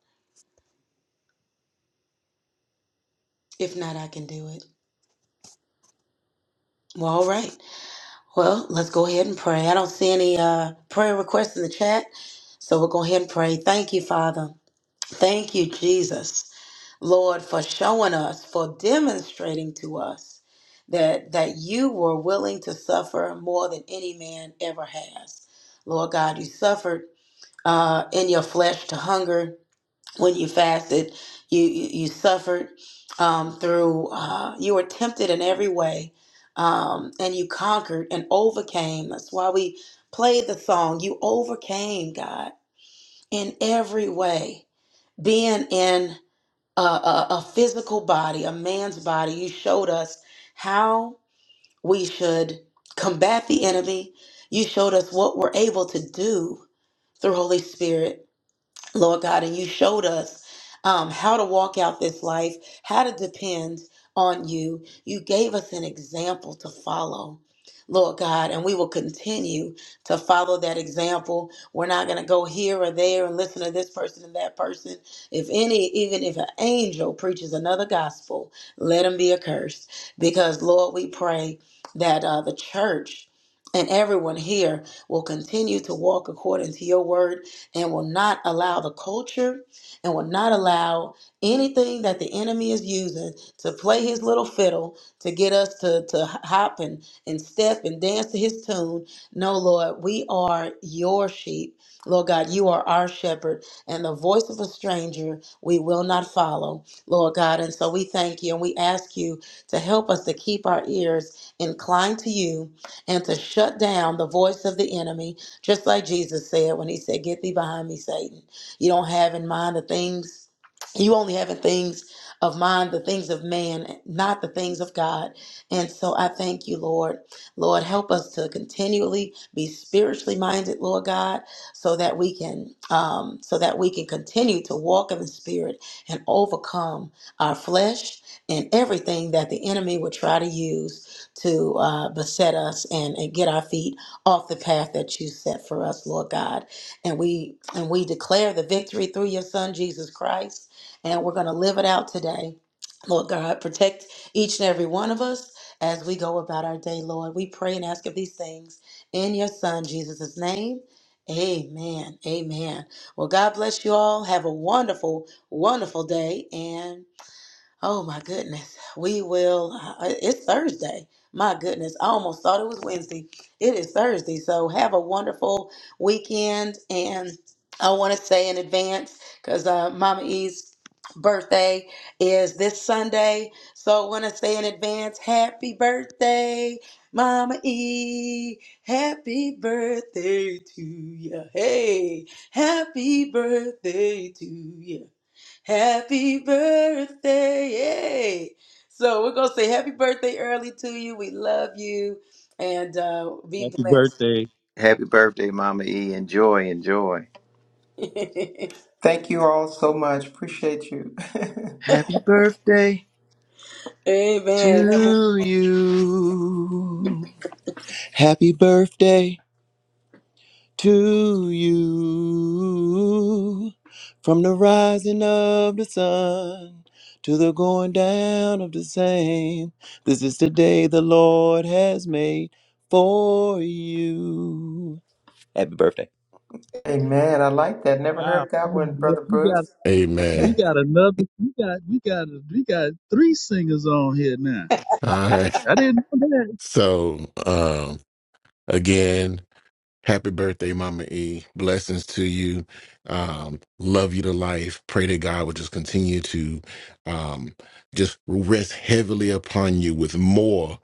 [SPEAKER 1] If not, I can do it. Well, all right. Well, let's go ahead and pray. I don't see any uh, prayer requests in the chat, so we'll go ahead and pray. Thank you, Father. Thank you, Jesus, Lord, for showing us, for demonstrating to us that that you were willing to suffer more than any man ever has. Lord God, you suffered uh, in your flesh to hunger when you fasted, you you, you suffered um, through. Uh, you were tempted in every way, um, and you conquered and overcame. That's why we played the song. You overcame God in every way, being in a, a, a physical body, a man's body. You showed us how we should combat the enemy. You showed us what we're able to do through Holy Spirit Lord God, and you showed us um, how to walk out this life, how to depend on you. You gave us an example to follow. Lord God, and we will continue to follow that example. We're not going to go here or there and listen to this person and that person. If any, even if an angel preaches another gospel, let him be accursed. Because, Lord, we pray that uh, the church and everyone here will continue to walk according to your word and will not allow the culture and will not allow anything that the enemy is using to play his little fiddle to get us to, to hop and, and step and dance to his tune. No, Lord, we are your sheep. Lord God, you are our shepherd, and the voice of a stranger we will not follow, Lord God. And so we thank you and we ask you to help us to keep our ears inclined to you and to shut down the voice of the enemy just like Jesus said when he said, Get thee behind me, Satan. You don't have in mind the things, you only have in things of mind the things of man, not the things of God. And so I thank you, Lord. Lord, help us to continually be spiritually minded, Lord God, so that we can um, so that we can continue to walk in the spirit and overcome our flesh and everything that the enemy would try to use to uh, beset us and, and get our feet off the path that you set for us, Lord God. And we and we declare the victory through your son Jesus Christ. And we're going to live it out today. Lord God, protect each and every one of us as we go about our day, Lord. We pray and ask of these things in your son Jesus' name. Amen. Amen. Well, God bless you all. Have a wonderful, wonderful day and Oh my goodness. We will. Uh, it's Thursday. My goodness. I almost thought it was Wednesday. It is Thursday. So have a wonderful weekend. And I want to say in advance because uh, Mama E's birthday is this Sunday. So I want to say in advance, happy birthday, Mama E. Happy birthday to you. Hey, happy birthday to you. Happy birthday. Yay. So we're going to say happy birthday early to you. We love you and uh, be
[SPEAKER 4] Happy
[SPEAKER 1] blessed.
[SPEAKER 4] birthday!
[SPEAKER 5] Happy birthday, Mama E. Enjoy, enjoy.
[SPEAKER 3] Thank you all so much. Appreciate you.
[SPEAKER 5] Happy birthday
[SPEAKER 1] Amen. Have a-
[SPEAKER 5] to you. Happy birthday to you from the rising of the sun to the going down of the same. This is the day the Lord has made for you. Happy birthday.
[SPEAKER 3] Amen. I like that. Never
[SPEAKER 4] Wow,
[SPEAKER 3] heard
[SPEAKER 4] we
[SPEAKER 3] that
[SPEAKER 4] got
[SPEAKER 3] one,
[SPEAKER 4] ano-
[SPEAKER 3] Brother Bruce.
[SPEAKER 4] we got we
[SPEAKER 2] Amen.
[SPEAKER 4] got another we got we got we got three singers on here now.
[SPEAKER 2] All right.
[SPEAKER 4] I didn't know
[SPEAKER 2] So um again. Happy birthday, Mama E. Blessings to you. Um, love you to life. Pray that God will just continue to um, just rest heavily upon you with more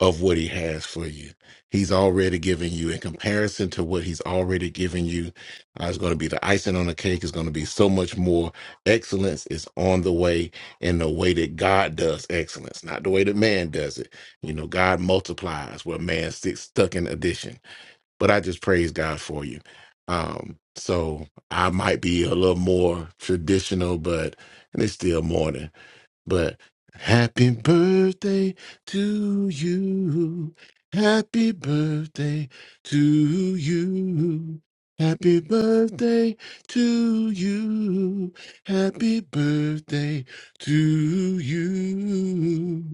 [SPEAKER 2] of what He has for you. He's already given you, in comparison to what He's already given you, uh, it's going to be the icing on the cake. It's going to be so much more. Excellence is on the way in the way that God does excellence, not the way that man does it. You know, God multiplies where man sits stuck in addition but I just praise God for you. Um, so I might be a little more traditional, but and it's still morning. But happy birthday to you. Happy birthday to you. Happy birthday to you. Happy birthday to you.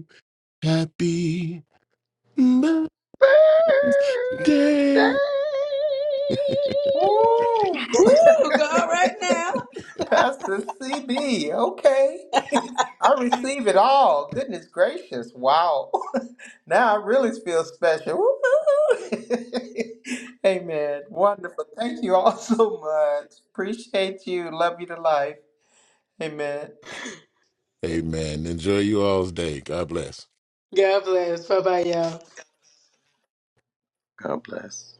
[SPEAKER 2] Happy
[SPEAKER 5] Birthday.
[SPEAKER 2] birthday
[SPEAKER 3] Woo!
[SPEAKER 1] Woo, go out right now.
[SPEAKER 3] Pastor CB, okay. I receive it all. Goodness gracious. Wow. now I really feel special. Woo-hoo. Amen. Wonderful. Thank you all so much. Appreciate you. Love you to life. Amen.
[SPEAKER 2] Amen. Enjoy you all's day. God bless.
[SPEAKER 1] God bless. Bye bye, y'all.
[SPEAKER 5] God bless.